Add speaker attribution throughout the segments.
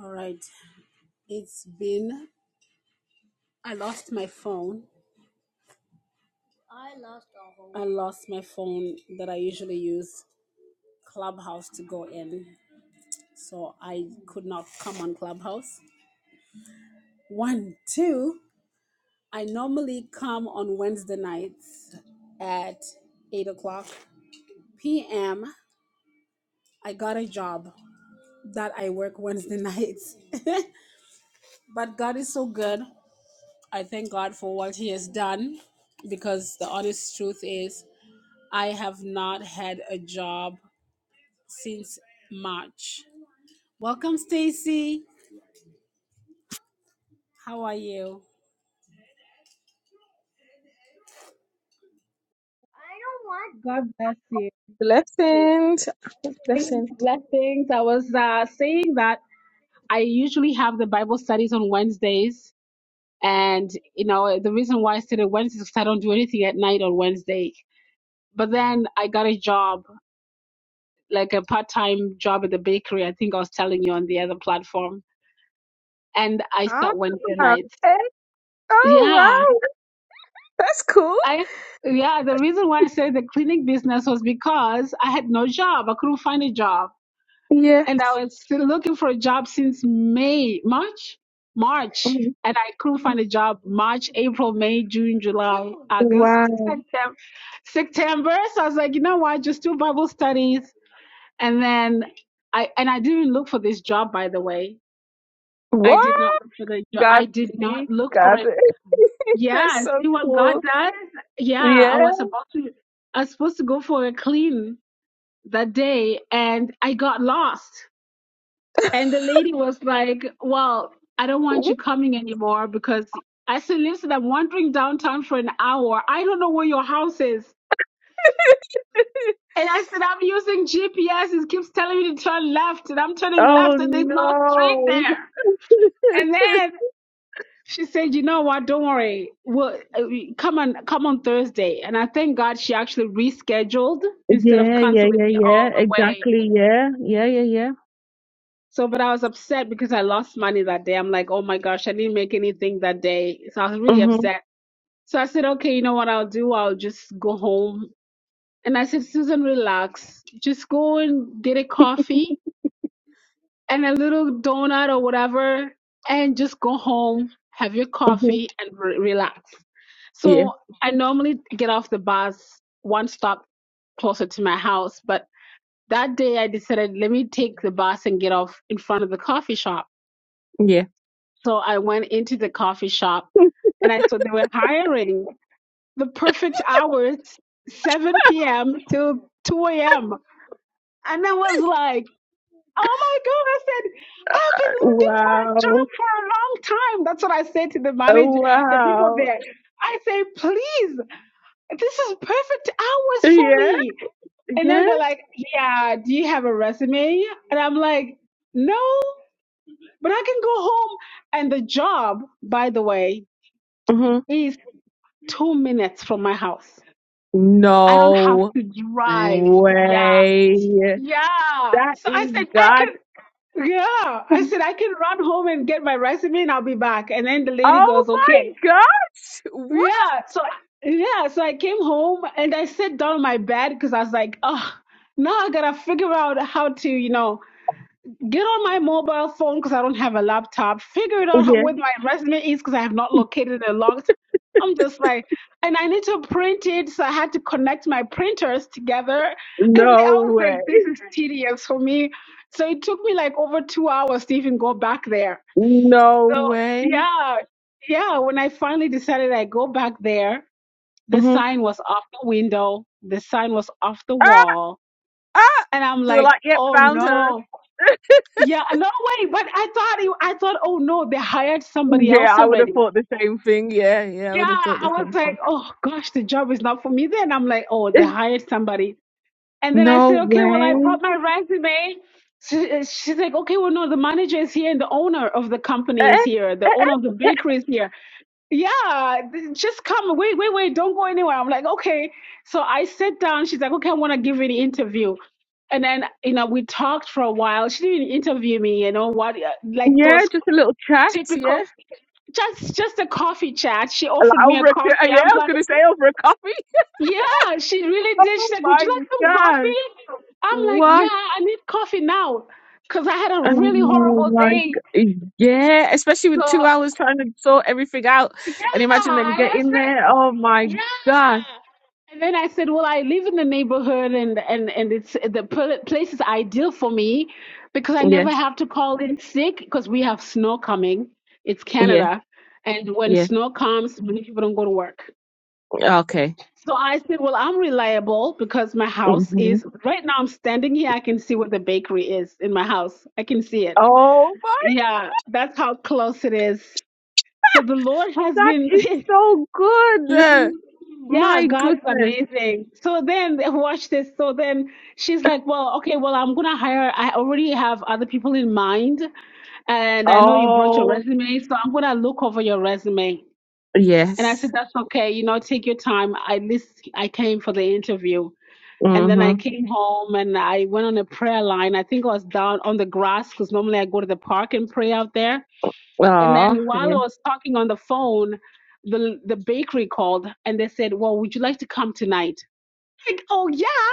Speaker 1: All right. It's been, I lost my phone. I lost my phone that I usually use Clubhouse to go in. So I could not come on Clubhouse. One, two, I normally come on Wednesday nights at 8 o'clock p.m. I got a job that I work Wednesday nights. but God is so good. I thank God for what He has done because the honest truth is I have not had a job since March. Welcome, Stacy. How are you? God bless you.
Speaker 2: Blessings. Blessings.
Speaker 1: Blessings. I was uh, saying that I usually have the Bible studies on Wednesdays. And, you know, the reason why I stayed on Wednesdays is 'cause I don't do anything at night on Wednesday. But then I got a job, like a part time job at the bakery. I think I was telling you on the other platform. And I
Speaker 2: Ah,
Speaker 1: start Wednesday nights.
Speaker 2: hey, oh,
Speaker 1: Yeah.
Speaker 2: wow. That's cool.
Speaker 1: I yeah, the reason why I said the cleaning business was because I had no job. I couldn't find a job.
Speaker 2: Yeah.
Speaker 1: And I was still looking for a job since May, March, March.
Speaker 2: Mm,
Speaker 1: And I couldn't find a job March, April, May, June, July, August,
Speaker 2: Wow.
Speaker 1: September. September. So I was like, you know what? Just do Bible studies. And then I and I didn't look for this job by the way. I did
Speaker 2: What?
Speaker 1: not look for the job.
Speaker 2: God,
Speaker 1: I did not
Speaker 2: see,
Speaker 1: look for
Speaker 2: God.
Speaker 1: it
Speaker 2: That's
Speaker 1: yeah,
Speaker 2: so
Speaker 1: see what God
Speaker 2: cool.
Speaker 1: does. Yeah, I
Speaker 2: Yeah.
Speaker 1: was about to, I was supposed to go for a clean that day and I got lost. And the lady was like, Well, I don't want
Speaker 2: Ooh.
Speaker 1: you coming anymore because I said, Listen, I'm wandering downtown for an hour. I don't know where your house is. And I said, I'm using GPS. It keeps telling me to turn left and I'm turning
Speaker 2: Oh,
Speaker 1: left and there's no street
Speaker 2: no.
Speaker 1: there. And then She said, "You know what? Don't worry. Well, uh, we- come on, come on Thursday." And I thank God she actually rescheduled instead of
Speaker 2: Yeah, yeah,
Speaker 1: canceling
Speaker 2: yeah,
Speaker 1: me
Speaker 2: yeah.
Speaker 1: all the way.
Speaker 2: Exactly. Yeah. Yeah, yeah, yeah.
Speaker 1: So, but I was upset because I lost money that day. I'm like, "Oh my gosh, I didn't make anything that day." So I was really
Speaker 2: Mm-hmm.
Speaker 1: upset. So I said, "Okay, you know what? I'll do. I'll just go home." And I said, "Susan, relax. Just go and get a coffee and a little donut or whatever, and just go home, have your
Speaker 2: Mm-hmm.
Speaker 1: coffee, and re- relax."
Speaker 2: Yeah.
Speaker 1: So I normally get off the bus one stop closer to my house, but that day I decided let me take the bus and get off in front of the coffee shop.
Speaker 2: Yeah.
Speaker 1: So I went into the coffee shop and I saw they were hiring the perfect hours, 7 p.m. till 2 a.m. And I was like, oh my God, I said, I've been looking for a
Speaker 2: Wow.
Speaker 1: job for a long time. That's what I said to the
Speaker 2: Oh,
Speaker 1: manager, the people
Speaker 2: wow.
Speaker 1: there. I say, please. this is perfect hours for
Speaker 2: Yeah.
Speaker 1: me. And then
Speaker 2: Yeah.
Speaker 1: they're like, yeah, do you have a resume? And I'm like, no, but I can go home. And the job, by the way,
Speaker 2: Mm-hmm.
Speaker 1: is two minutes from my house. I don't have
Speaker 2: No.
Speaker 1: to drive. Yeah.
Speaker 2: Way.
Speaker 1: Yeah.
Speaker 2: That
Speaker 1: So I
Speaker 2: is
Speaker 1: said, I
Speaker 2: God.
Speaker 1: could, yeah. I said, I can run home and get my resume and I'll be back. And then the lady
Speaker 2: Oh
Speaker 1: goes,
Speaker 2: my
Speaker 1: okay.
Speaker 2: gosh. What?
Speaker 1: Yeah. So yeah, so I came home and I sat down on my bed because I was like, oh, now I gotta figure out how to, you know, get on my mobile phone because I don't have a laptop. Figure it out how,
Speaker 2: Okay.
Speaker 1: what my resume is because I have not located it in a long time. I'm just like, and I need to print it, so I had to connect my printers together. And I
Speaker 2: No
Speaker 1: was
Speaker 2: way.
Speaker 1: like, this is tedious for me. So it took me like over two hours to even go back there.
Speaker 2: No
Speaker 1: So
Speaker 2: way.
Speaker 1: yeah, yeah. When I finally decided I go back there, the
Speaker 2: hmm
Speaker 1: sign was off the window. The sign was off the
Speaker 2: Ah,
Speaker 1: wall.
Speaker 2: ah.
Speaker 1: And I'm
Speaker 2: They were
Speaker 1: like,
Speaker 2: like, yep,
Speaker 1: oh
Speaker 2: found her.
Speaker 1: no. Yeah, no way. But I thought, it, I thought, oh no, they hired somebody
Speaker 2: Yeah,
Speaker 1: else
Speaker 2: I would have
Speaker 1: already.
Speaker 2: thought the same thing. Yeah, yeah, I
Speaker 1: Yeah,
Speaker 2: would have thought
Speaker 1: I
Speaker 2: the
Speaker 1: was
Speaker 2: same thing.
Speaker 1: like, oh gosh, the job is not for me. Then I'm like, oh, they hired somebody. And then I
Speaker 2: No
Speaker 1: said, okay, well, I
Speaker 2: way.
Speaker 1: brought my resume. She, she's like, okay, well, no, the manager is here and the owner of the
Speaker 2: Eh,
Speaker 1: company is here.
Speaker 2: eh,
Speaker 1: The owner of the
Speaker 2: eh, eh.
Speaker 1: bakery is here. yeah, th- just come. Wait, wait, wait. Don't go anywhere. I'm like, okay. So I sit down. She's like, okay, I want to give you the interview. And then, you know, we talked for a while. She didn't interview me, you know, what, uh, like
Speaker 2: Yeah,
Speaker 1: those
Speaker 2: just a little chat. Yeah,
Speaker 1: typical, just, just a coffee chat. She offered
Speaker 2: like
Speaker 1: me a
Speaker 2: over a
Speaker 1: coffee.
Speaker 2: co- yeah.
Speaker 1: I'm
Speaker 2: I was
Speaker 1: like,
Speaker 2: gonna say over a coffee.
Speaker 1: yeah, she really did.
Speaker 2: Oh
Speaker 1: She's like, would you like some
Speaker 2: my
Speaker 1: coffee? I'm like,
Speaker 2: god!
Speaker 1: yeah, I need coffee now. Cause I had a really
Speaker 2: Oh
Speaker 1: horrible
Speaker 2: my
Speaker 1: day.
Speaker 2: g Yeah, especially with
Speaker 1: So
Speaker 2: two hours trying to sort everything out
Speaker 1: yeah,
Speaker 2: and imagine them getting there. Oh my
Speaker 1: Yeah.
Speaker 2: God.
Speaker 1: And then I said, well, I live in the neighborhood and, and, and it's the pl- place is ideal for me because I
Speaker 2: Yeah,
Speaker 1: never have to call in sick because we have snow coming. It's
Speaker 2: yeah,
Speaker 1: Canada. And when
Speaker 2: yeah.
Speaker 1: snow comes, many people don't go to work.
Speaker 2: Okay.
Speaker 1: So I said, well, I'm reliable because my house
Speaker 2: hmm
Speaker 1: is right now. I'm standing here. I can see where the bakery is in my house. I can see it.
Speaker 2: Oh my,
Speaker 1: Yeah, that's how close it is. So the Lord has
Speaker 2: that
Speaker 1: been,
Speaker 2: is so good. Uh,
Speaker 1: hmm Yeah,
Speaker 2: My
Speaker 1: God is
Speaker 2: goodness.
Speaker 1: amazing. So then, watch this. So then she's like, Well, okay, well, I'm going to hire. I already have other people in mind. And I know you brought your
Speaker 2: Oh,
Speaker 1: resume. So I'm going to look over your resume. And I
Speaker 2: yes.
Speaker 1: said, That's okay. You know, take your time. At least I came for the interview. And then I
Speaker 2: Mm-hmm.
Speaker 1: came home and I went on a prayer line. I think I was down on the grass because normally I go to the park and pray out there. And
Speaker 2: Oh,
Speaker 1: then while
Speaker 2: yeah.
Speaker 1: I was talking on the phone, the the bakery called and they said, "Well, would you like to come tonight?" Like, oh yeah.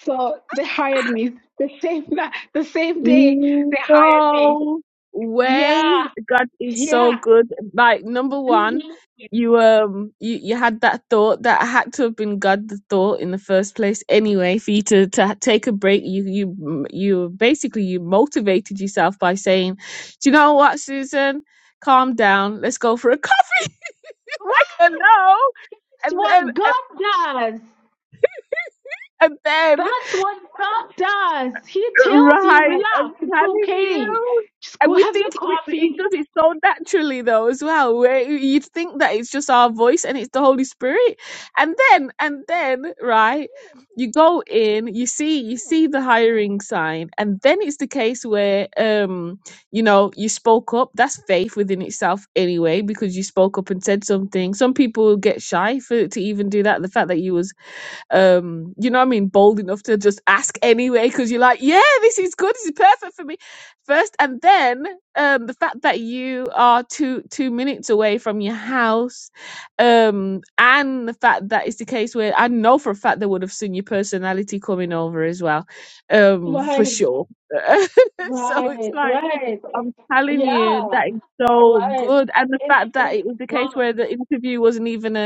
Speaker 1: So they hired me the same na- the same day they hired me.
Speaker 2: No way.
Speaker 1: Yeah,
Speaker 2: God is so
Speaker 1: yeah.
Speaker 2: good. Like number one,
Speaker 1: Mhm.
Speaker 2: you um you, you had that thought that had to have been God the thought in the first place anyway for you to, to ha- take a break you you you basically you motivated yourself by saying do you know what Susan calm down let's go for a coffee like
Speaker 1: That's
Speaker 2: hello and then
Speaker 1: what God does.
Speaker 2: and then
Speaker 1: That's what God does. He tells you,
Speaker 2: Right, I'm
Speaker 1: relax, it's
Speaker 2: telling
Speaker 1: okay.
Speaker 2: you.
Speaker 1: Just
Speaker 2: And
Speaker 1: go
Speaker 2: we
Speaker 1: have
Speaker 2: think
Speaker 1: your
Speaker 2: we, we- it
Speaker 1: coffee.
Speaker 2: does it so naturally though as well. Where you- you'd think that it's just our voice and it's the Holy Spirit, and then and then right, you go in, you see you see the hiring sign, and then it's the case where um you know you spoke up. That's faith within itself anyway because you spoke up and said something. Some people get shy for to even do that. The fact that you was um you know what i mean bold enough to just ask anyway because you're like yeah this is good this is perfect for me first and then um the fact that you are two two minutes away from your house um and the fact that it's the case where i know for a fact they would have seen your personality coming over as well um for
Speaker 1: Right.
Speaker 2: sure so it's
Speaker 1: Right,
Speaker 2: like
Speaker 1: right.
Speaker 2: i'm telling
Speaker 1: Yeah,
Speaker 2: you that is so
Speaker 1: right.
Speaker 2: good and the
Speaker 1: It
Speaker 2: fact that
Speaker 1: it's
Speaker 2: it was the case
Speaker 1: wrong.
Speaker 2: where the interview wasn't even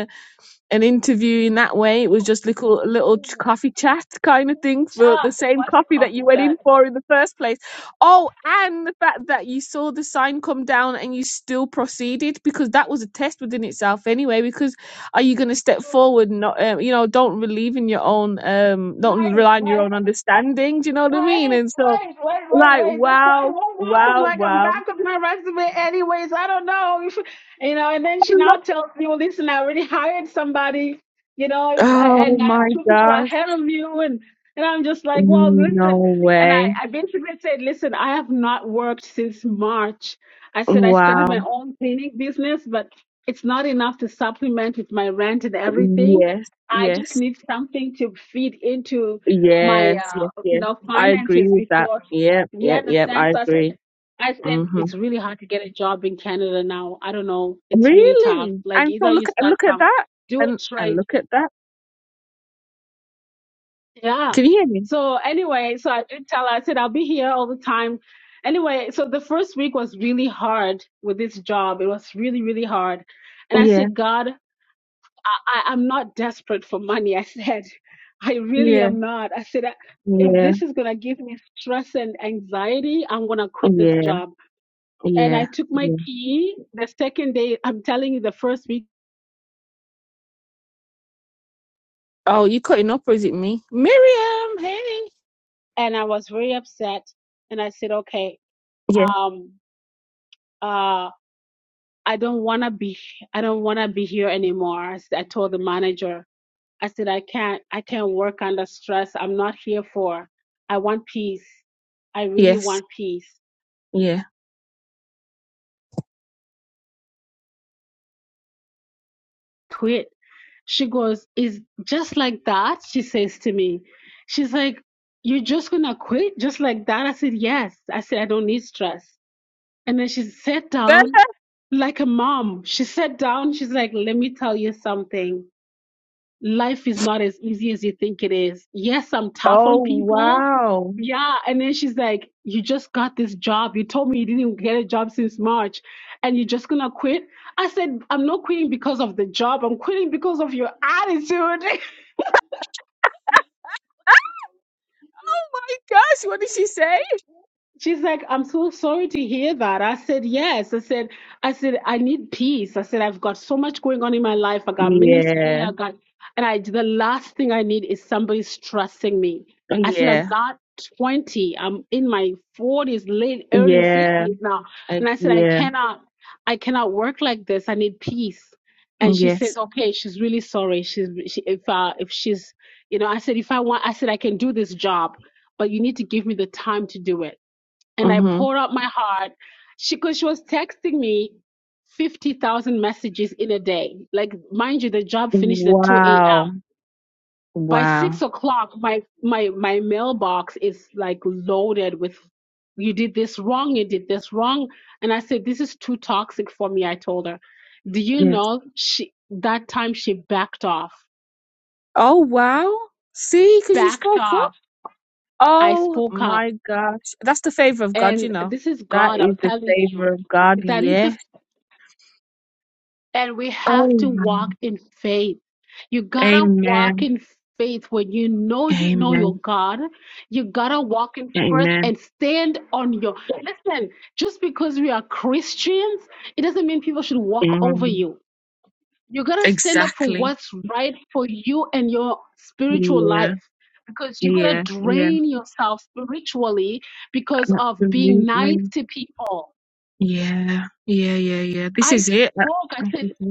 Speaker 2: an interview in that way. It was just little little ch- coffee chat kind of thing for
Speaker 1: Chat,
Speaker 2: the
Speaker 1: it
Speaker 2: same
Speaker 1: was a
Speaker 2: coffee that you
Speaker 1: coffee
Speaker 2: went
Speaker 1: chat.
Speaker 2: in for in the first place. Oh, and the fact that you saw the sign come down and you still proceeded because that was a test within itself anyway. Because are you going to step forward? and Not um, you know, don't believe in your own, um, don't
Speaker 1: Right,
Speaker 2: rely on your
Speaker 1: right.
Speaker 2: own understanding. Do you know what I
Speaker 1: Wait,
Speaker 2: mean? And so,
Speaker 1: wait, wait, wait,
Speaker 2: like,
Speaker 1: wait. This like
Speaker 2: wow,
Speaker 1: won't walk them
Speaker 2: wow,
Speaker 1: like I'm
Speaker 2: wow.
Speaker 1: back with my resume anyways. I don't know. If, you know, and then
Speaker 2: I
Speaker 1: she
Speaker 2: love-
Speaker 1: now tells me, well, listen, I already hired somebody, you know, if, I-
Speaker 2: Oh
Speaker 1: and I have
Speaker 2: my
Speaker 1: two people
Speaker 2: gosh!
Speaker 1: ahead of you. And, and I'm just like, well, listen.
Speaker 2: No
Speaker 1: And I,
Speaker 2: way!
Speaker 1: I basically said, listen, I have not worked since March. I said, I
Speaker 2: Wow!
Speaker 1: started my own cleaning business, but it's not enough to supplement with my rent and everything.
Speaker 2: Yes,
Speaker 1: I just
Speaker 2: yes,
Speaker 1: need something to feed into my
Speaker 2: yes, yes,
Speaker 1: uh, you
Speaker 2: yes.
Speaker 1: know
Speaker 2: I agree
Speaker 1: finances
Speaker 2: with that.
Speaker 1: before
Speaker 2: Yep,
Speaker 1: you
Speaker 2: yep, yep.
Speaker 1: understand
Speaker 2: I
Speaker 1: so i
Speaker 2: agree.
Speaker 1: said i said
Speaker 2: hmm
Speaker 1: it's really hard to get a job in canada now i don't know it's really tough
Speaker 2: Really?
Speaker 1: like
Speaker 2: And so
Speaker 1: either you
Speaker 2: look at
Speaker 1: start
Speaker 2: look at
Speaker 1: from
Speaker 2: that,
Speaker 1: do a
Speaker 2: and and
Speaker 1: trade
Speaker 2: look at that.
Speaker 1: yeah
Speaker 2: Can you hear me?
Speaker 1: so anyway so i did tell her i said i'll be here all the time anyway so the first week was really hard with this job it was really really hard and i
Speaker 2: Yeah,
Speaker 1: said god I, I'm not desperate for money. I said, I really
Speaker 2: yeah,
Speaker 1: am not. I said, "I- if
Speaker 2: yeah,
Speaker 1: this is going to give me stress and anxiety, I'm going to quit this
Speaker 2: yeah,
Speaker 1: job. And
Speaker 2: yeah,
Speaker 1: I took my
Speaker 2: yeah.
Speaker 1: key the second day, I'm telling you, the first week,
Speaker 2: Oh, you cutting up, or is it me? Miriam, hey.
Speaker 1: and I was very upset. And I said, okay,
Speaker 2: Yeah.
Speaker 1: um, uh, I don't want to be, I don't want to be here anymore. I, s- I told the manager, I said, I can't, I can't work under stress. I'm not here for, I want peace. I really
Speaker 2: Yes.
Speaker 1: want peace.
Speaker 2: Yeah.
Speaker 1: Quit. She goes, Is just like that? She says to me, She's like, You're just going to quit just like that? I said, Yes. I said, I don't need stress. And then she sat down like a mom. She sat down. She's like, Let me tell you something life is not as easy as you think it is. Yes, I'm tough
Speaker 2: oh
Speaker 1: on people.
Speaker 2: wow.
Speaker 1: Yeah. And then she's like, You just got this job. You told me you didn't get a job since March and you're just going to quit. I said, I'm not quitting because of the job. I'm quitting because of your attitude.
Speaker 2: Oh my gosh, what did she say?
Speaker 1: She's like, I'm so sorry to hear that. I said, yes. I said, I said, I need peace. I said, I've got so much going on in my life. I got ministry.
Speaker 2: Yeah.
Speaker 1: I got, and I, the last thing I need is somebody stressing me. I said, I'm
Speaker 2: Yeah.
Speaker 1: not 20. I'm in my 40s, late, early
Speaker 2: Yeah.
Speaker 1: 50s now.
Speaker 2: uh,
Speaker 1: And I said, I
Speaker 2: yeah.
Speaker 1: cannot, I cannot work like this. I need peace. And she
Speaker 2: Yes.
Speaker 1: said, okay, she's really sorry. She's, she, if, uh, if she's, you know, I said, if I want, I said, I can do this job, but you need to give me the time to do it and I
Speaker 2: Mm-hmm.
Speaker 1: poured out my heart. She, cause she was texting me 50,000 messages in a day. Like, mind you, the job finished at 2
Speaker 2: Wow.
Speaker 1: a.m. By
Speaker 2: Wow.
Speaker 1: six o'clock, my, my, my mailbox is like loaded with, you did this wrong, you did this wrong. And I said, this is too toxic for me. I told her, do you
Speaker 2: Yes.
Speaker 1: know she, that time she backed off,
Speaker 2: Oh, wow. See, because you
Speaker 1: backed
Speaker 2: spoke up.
Speaker 1: off. I
Speaker 2: Oh
Speaker 1: spoke up
Speaker 2: my gosh. That's the favor of God, you
Speaker 1: and
Speaker 2: know.
Speaker 1: this is
Speaker 2: That
Speaker 1: God. I'm
Speaker 2: is the
Speaker 1: telling you,
Speaker 2: favor of God.
Speaker 1: that is the
Speaker 2: Yes.
Speaker 1: and we have
Speaker 2: Oh,
Speaker 1: to
Speaker 2: wow.
Speaker 1: walk in faith. You gotta walk
Speaker 2: Amen.
Speaker 1: in faith when you know you know your
Speaker 2: Amen.
Speaker 1: God. You gotta walk in faith
Speaker 2: Amen.
Speaker 1: and stand on your. Listen, just because we are Christians, it doesn't mean people should walk over
Speaker 2: Mm.
Speaker 1: you. You gotta stand up for
Speaker 2: Exactly.
Speaker 1: what's right for you and your spiritual
Speaker 2: Yeah.
Speaker 1: life. Because you're gonna
Speaker 2: Yeah. Yeah.
Speaker 1: drain yourself spiritually because of being nice
Speaker 2: Absolutely.
Speaker 1: to people.
Speaker 2: Yeah. Yeah. Yeah. Yeah. This
Speaker 1: I
Speaker 2: is
Speaker 1: spoke. I said,
Speaker 2: it.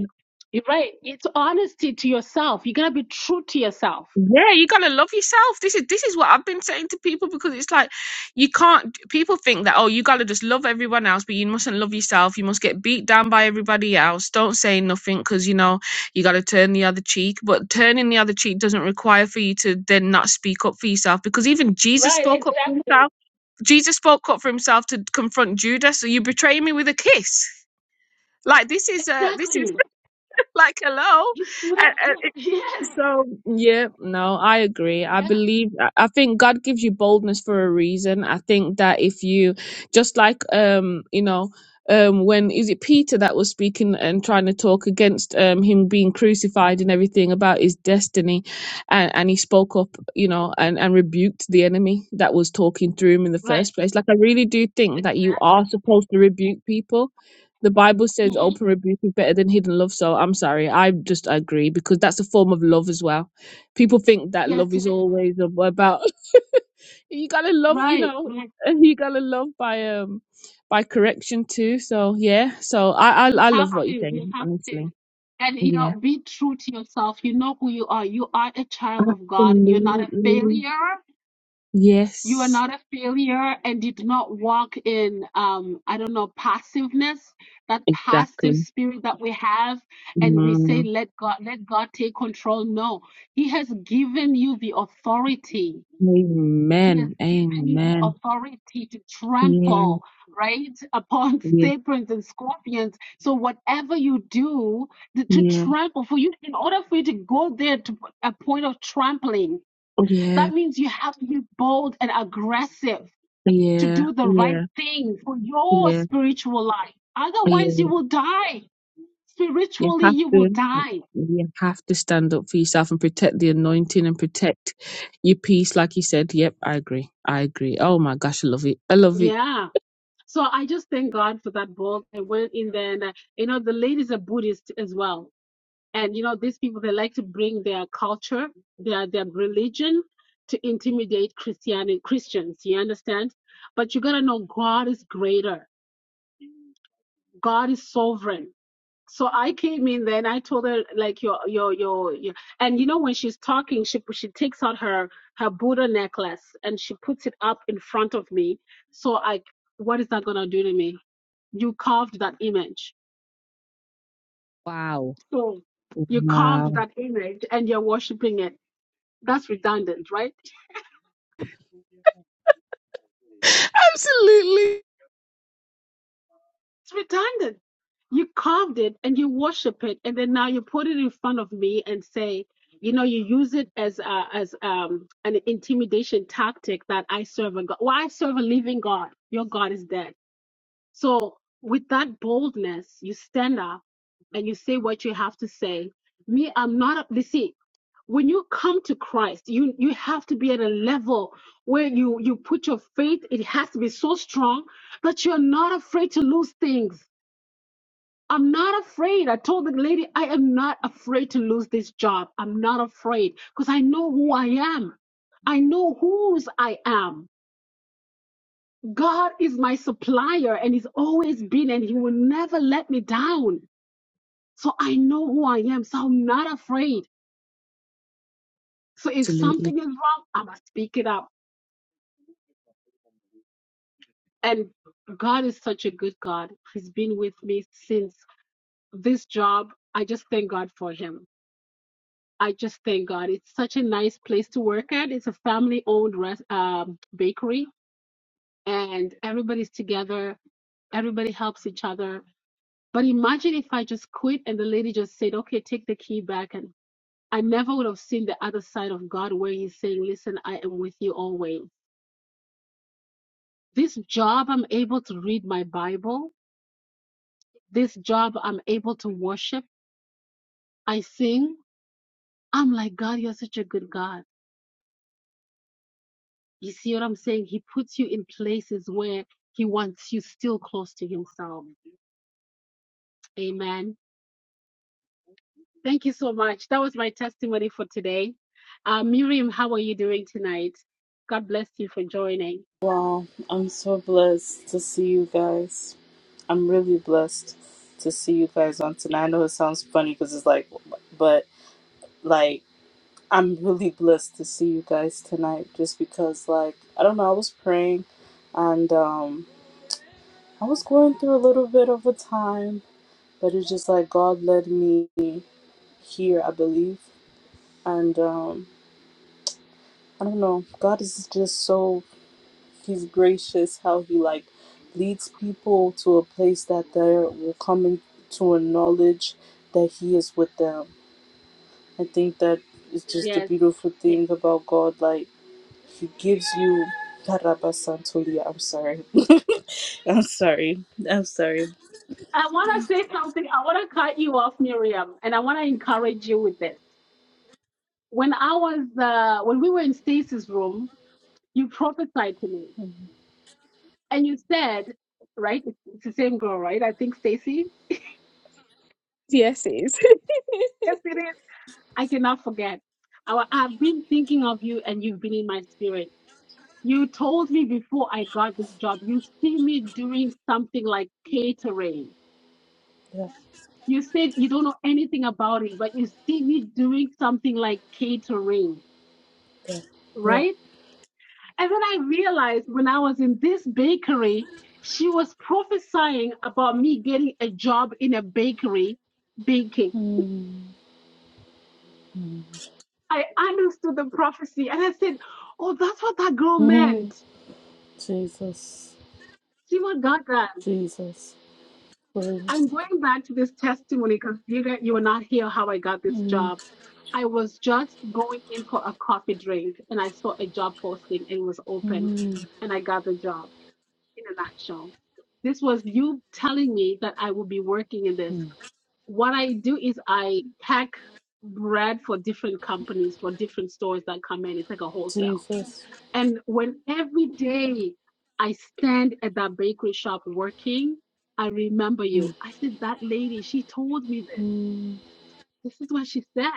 Speaker 1: You're right. It's honesty to yourself. You gotta be true to yourself.
Speaker 2: Yeah, you gotta love yourself. This is this is what I've been saying to people because it's like you can't. People think that oh, you gotta just love everyone else, but you mustn't love yourself. You must get beat down by everybody else. Don't say nothing because you know you gotta turn the other cheek. But turning the other cheek doesn't require for you to then not speak up for yourself because even Jesus
Speaker 1: Right,
Speaker 2: spoke up for
Speaker 1: exactly.
Speaker 2: himself. Jesus spoke up for himself to confront Judas. So you betray me with a kiss. Like this is uh this is
Speaker 1: Exactly.
Speaker 2: like hello,
Speaker 1: You stood
Speaker 2: Uh,
Speaker 1: up.
Speaker 2: uh,
Speaker 1: for- Yes.
Speaker 2: so, yeah, no, I agree. I
Speaker 1: Yeah.
Speaker 2: believe, I I think God gives you boldness for a reason. I think that if you, just like, um, you know, um, when is it Peter that was speaking and trying to talk against um, him being crucified and everything about his destiny, and, and he spoke up, you know, and, and rebuked the enemy that was talking through him in the
Speaker 1: Right.
Speaker 2: first place. Like, I really do think that you are
Speaker 1: Exactly.
Speaker 2: supposed to rebuke people the Bible says
Speaker 1: hmm
Speaker 2: open rebuke is better than hidden love. So I'm sorry. I just agree because that's a form of love as well. People think that love
Speaker 1: Yes, it
Speaker 2: is
Speaker 1: is.
Speaker 2: always about you gotta love, you
Speaker 1: Right.
Speaker 2: know,
Speaker 1: Right.
Speaker 2: and you gotta love by um by correction too. So yeah. So I I,
Speaker 1: You
Speaker 2: I
Speaker 1: have
Speaker 2: love what you're
Speaker 1: to. You
Speaker 2: saying,
Speaker 1: have to.
Speaker 2: honestly.
Speaker 1: And you
Speaker 2: Yeah.
Speaker 1: know, be true to yourself. You know who you are. You are a child of God. You're not a
Speaker 2: Absolutely.
Speaker 1: failure. you are
Speaker 2: Yes.
Speaker 1: not a failure and did not walk in um i don't know passiveness that passive
Speaker 2: Exactly.
Speaker 1: spirit that we have and we say
Speaker 2: Mm.
Speaker 1: let god let god take control no he has given you the authority he has
Speaker 2: Amen.
Speaker 1: given you the
Speaker 2: Amen.
Speaker 1: authority to
Speaker 2: Yeah.
Speaker 1: trample right upon
Speaker 2: Yeah.
Speaker 1: serpents and scorpions so whatever you do the- to
Speaker 2: Yeah.
Speaker 1: trample for you in order for you to go there to a point of trampling
Speaker 2: Yeah.
Speaker 1: that means you have to be bold and aggressive to
Speaker 2: Yeah.
Speaker 1: do the right
Speaker 2: Yeah.
Speaker 1: thing for your
Speaker 2: Yeah.
Speaker 1: spiritual life.
Speaker 2: Yeah.
Speaker 1: Otherwise, you will die.
Speaker 2: You
Speaker 1: Spiritually,
Speaker 2: have
Speaker 1: you will
Speaker 2: to
Speaker 1: die.
Speaker 2: you have to stand up for yourself and protect the anointing and protect your peace, like you said. Yep, I agree. I agree. Oh my gosh, I love it. I love it.
Speaker 1: Yeah. So I just thank God for that book. I went in there, and uh, you know, the ladies are Buddhist as well, and you know, these people they like to bring their culture, their their religion, to intimidate Christian Christians. You understand? But you gotta know God is greater. God is sovereign. so I came in then I told her like your your your, your and you know when she's talking she she takes out her her Buddha necklace and she puts it up in front of me so I what is that gonna do to me you carved that image
Speaker 2: Wow.
Speaker 1: so you carved
Speaker 2: Wow.
Speaker 1: that image and you're worshiping it that's redundant right
Speaker 2: Absolutely.
Speaker 1: It's redundant. You carved it and you worship it, and then now you put it in front of me and say, you know, you use it as a, as um, an intimidation tactic that I serve a God. Well, I serve a living God. Your God is dead. So with that boldness, you stand up and you say what you have to say. Me, I'm not. You see, when you come to Christ, you you have to be at a level where you you put your faith. It has to be so strong that you're not afraid to lose things I'm not afraid. I told the lady, I am not afraid to lose this job. I'm not afraid because I know who I am. I know whose I am. God is my supplier and He's always been, and He will never let me down. So I know who I am. So I'm not afraid. So if
Speaker 2: Absolutely.
Speaker 1: something is wrong, I must speak it up. And God is such a good God. He's been with me since this job. I just thank God for Him. I just thank God. It's such a nice place to work at. It's a family owned rest, um, bakery and everybody's together. Everybody helps each other. But imagine if I just quit and the lady just said, okay, take the key back. And I never would have seen the other side of God where he's saying, listen, I am with you always. This job, I'm able to read my Bible. This job, I'm able to worship. I sing. I'm like, God, you're such a good God You see what I'm saying? He puts you in places where he wants you still close to himself. Amen. Thank you so much. That was my testimony for today. Uh, Miriam, how are you doing tonight? God bless you for joining.
Speaker 3: Wow, I'm so blessed to see you guys. I'm really blessed to see you guys on tonight. I know it sounds funny because it's like, but like, I'm really blessed to see you guys tonight just because, like, I don't know, I was praying and um, I was going through a little bit of a time, but it's just like God led me here, I believe. And um, I don't know, God is just so He's gracious how he like leads people to a place that they will come into a knowledge that he is with them. I think that is just the
Speaker 1: Yes.
Speaker 3: beautiful thing about God. Like he gives you Santolia. I'm sorry. I'm sorry. I'm sorry.
Speaker 1: I want to say something. I want to cut you off, Miriam, and I want to encourage you with this. When I was uh, when we were in Stacy's room, you prophesied to me, and you said, right, it's it's the same girl, right? I think Stacy.
Speaker 2: Yes, it is.
Speaker 1: Yes, it is. I cannot forget. I, I've been thinking of you, and you've been in my spirit. You told me before I got this job, you see me doing something like catering.
Speaker 3: Yeah.
Speaker 1: You said you don't know anything about it, but you see me doing something like catering
Speaker 3: Yeah. yeah.
Speaker 1: right? And then I realized when I was in this bakery, she was prophesying about me getting a job in a bakery baking.
Speaker 3: Mm, mm,
Speaker 1: I understood the prophecy and I said, Oh, that's what that girl
Speaker 3: mm.
Speaker 1: meant.
Speaker 3: Jesus.
Speaker 1: See what God done.
Speaker 3: Jesus. Please.
Speaker 1: I'm going back to this testimony because you, got- you will not hear how I got this
Speaker 3: Mm,
Speaker 1: job. I was just going in for a coffee drink and I saw a job posting and it was open
Speaker 3: mm,
Speaker 1: and I got the job in a nutshell. This was you telling me that I would be working in this.
Speaker 3: mm.
Speaker 1: what I do is I pack bread for different companies, for different stores that come in. It's like a wholesale.
Speaker 3: Jesus.
Speaker 1: And when every day I stand at that bakery shop working, I remember you. I said, That lady, she told me this.
Speaker 3: Mm.
Speaker 1: This is what she said.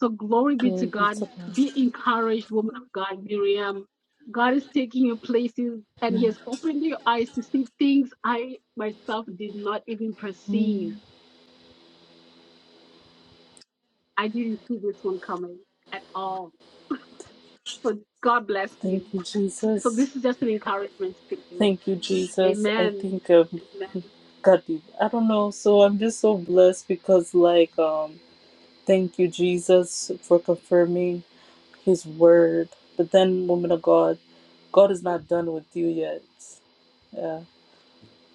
Speaker 1: So glory be to
Speaker 3: Glory be
Speaker 1: God.
Speaker 3: to
Speaker 1: Be encouraged, woman of God, Miriam. God is taking you places and He
Speaker 3: God.
Speaker 1: has opened your eyes to see things I myself did not even perceive
Speaker 3: Amen.
Speaker 1: I didn't see this one coming at all. So God bless
Speaker 3: Thank
Speaker 1: you.
Speaker 3: you,
Speaker 1: So
Speaker 3: Jesus.
Speaker 1: this is just an encouragement to you.
Speaker 3: Thank you, Jesus. I
Speaker 1: Amen.
Speaker 3: think um, God, I don't know. So I'm just so blessed because, like, um, thank you, Jesus, for confirming His word. But then, woman of God, God is not done with you yet. Yeah.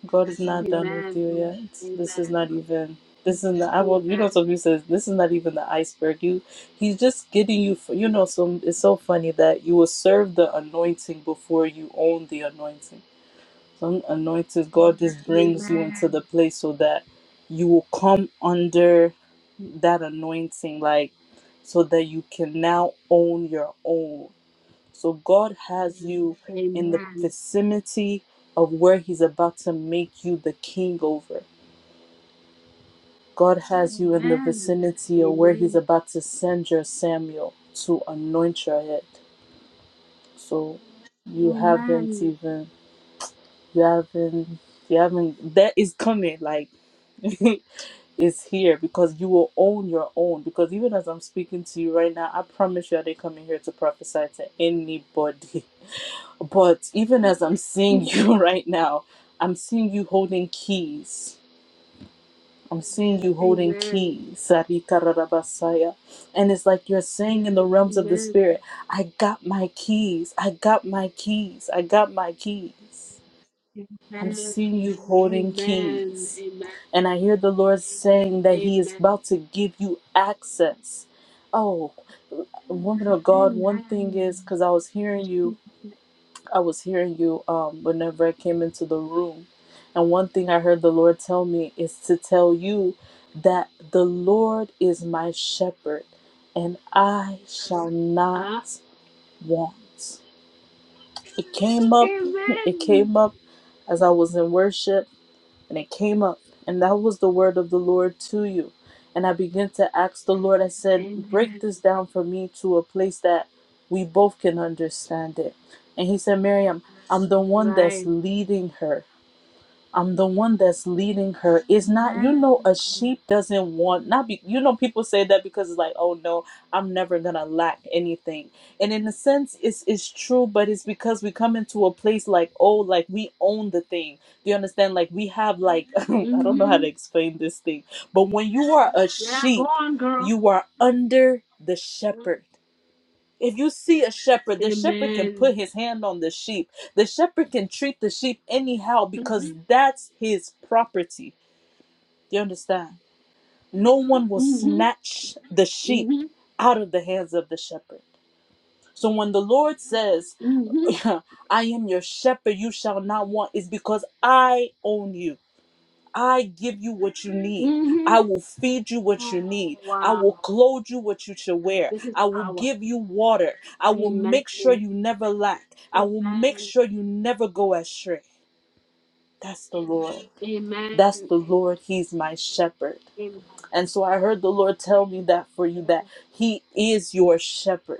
Speaker 3: God is
Speaker 1: Amen.
Speaker 3: not done with
Speaker 1: Amen.
Speaker 3: you yet.
Speaker 1: Amen.
Speaker 3: This is not even. This is not. I will. You know, somebody says this is not even the iceberg. You, he's just getting you. For, you know, some. It's so funny that you will serve the anointing before you own the anointing. Some anointed God just
Speaker 1: Amen.
Speaker 3: brings you into
Speaker 1: Amen.
Speaker 3: the place so that you will come under that anointing, like so that you can now own your own. So God has you in the
Speaker 1: Amen.
Speaker 3: vicinity of where He's about to make you the king over. God
Speaker 1: Amen.
Speaker 3: has you in the
Speaker 1: Amen.
Speaker 3: vicinity of where He's about to send your Samuel to anoint your head. So you haven't
Speaker 1: Amen.
Speaker 3: even, you haven't, you haven't, that is coming. Like, it's here because you will own your own. Because even as I'm speaking to you right now, I promise you, I didn't come in here to prophesy to anybody. But even as I'm seeing you right now, I'm seeing you holding keys. I'm seeing you
Speaker 1: Amen.
Speaker 3: holding keys,
Speaker 1: Amen.
Speaker 3: Sarika Rarabasaya. And it's like you're saying in the realms of the spirit, I got my keys, I got my keys, I got my keys. I'm seeing you holding keys.
Speaker 1: Amen.
Speaker 3: And I hear the Lord saying that He is
Speaker 1: Amen.
Speaker 3: about to give you access. Oh, woman of
Speaker 1: Amen.
Speaker 3: God,
Speaker 1: Amen.
Speaker 3: one thing is because I was hearing you I was hearing you um, whenever I came into the room. And one thing I heard the Lord tell me is to tell you that the Lord is my shepherd and I shall not
Speaker 1: Uh,
Speaker 3: want. It came up, it
Speaker 1: amen.
Speaker 3: came up as I was in worship and it came up, and that was the word of the Lord to you. And I began to ask the Lord, I said, Break
Speaker 1: Amen.
Speaker 3: this down for me to a place that we both can understand it. And he said, Miriam, I'm the one that's
Speaker 1: Right.
Speaker 3: leading her. I'm the one that's leading her It's not you know
Speaker 1: Amen.
Speaker 3: a sheep doesn't want not be you know people say that because it's like oh no i'm never gonna lack anything and in a sense it's it's true but it's because we come into a place like oh like we own the thing do you understand like we have like i don't know how
Speaker 1: hmm
Speaker 3: to explain this thing but when you are a
Speaker 1: Yeah, go
Speaker 3: sheep
Speaker 1: on, girl.
Speaker 3: you are under the shepherd if you see a shepherd, the shepherd can
Speaker 1: Amen.
Speaker 3: put his hand on the sheep. The shepherd can treat the sheep anyhow
Speaker 1: hmm
Speaker 3: because that's his property. Do you understand? No one will
Speaker 1: hmm
Speaker 3: snatch the sheep
Speaker 1: hmm
Speaker 3: out of the hands of the shepherd. So when the Lord says,
Speaker 1: hmm
Speaker 3: I am your shepherd, you shall not want, it's because I own you. I give you what you need.
Speaker 1: hmm
Speaker 3: I will feed you what
Speaker 1: Oh,
Speaker 3: you need. I
Speaker 1: wow.
Speaker 3: will clothe you what you should wear.
Speaker 1: This is
Speaker 3: I will
Speaker 1: power.
Speaker 3: give you water. I will
Speaker 1: Amen.
Speaker 3: make sure you never lack. I will make
Speaker 1: Amen.
Speaker 3: sure you never go astray. That's the Lord. That's
Speaker 1: Amen. Amen.
Speaker 3: the Lord. He's my shepherd.
Speaker 1: Amen.
Speaker 3: And so I heard the Lord tell me that for you that He is your shepherd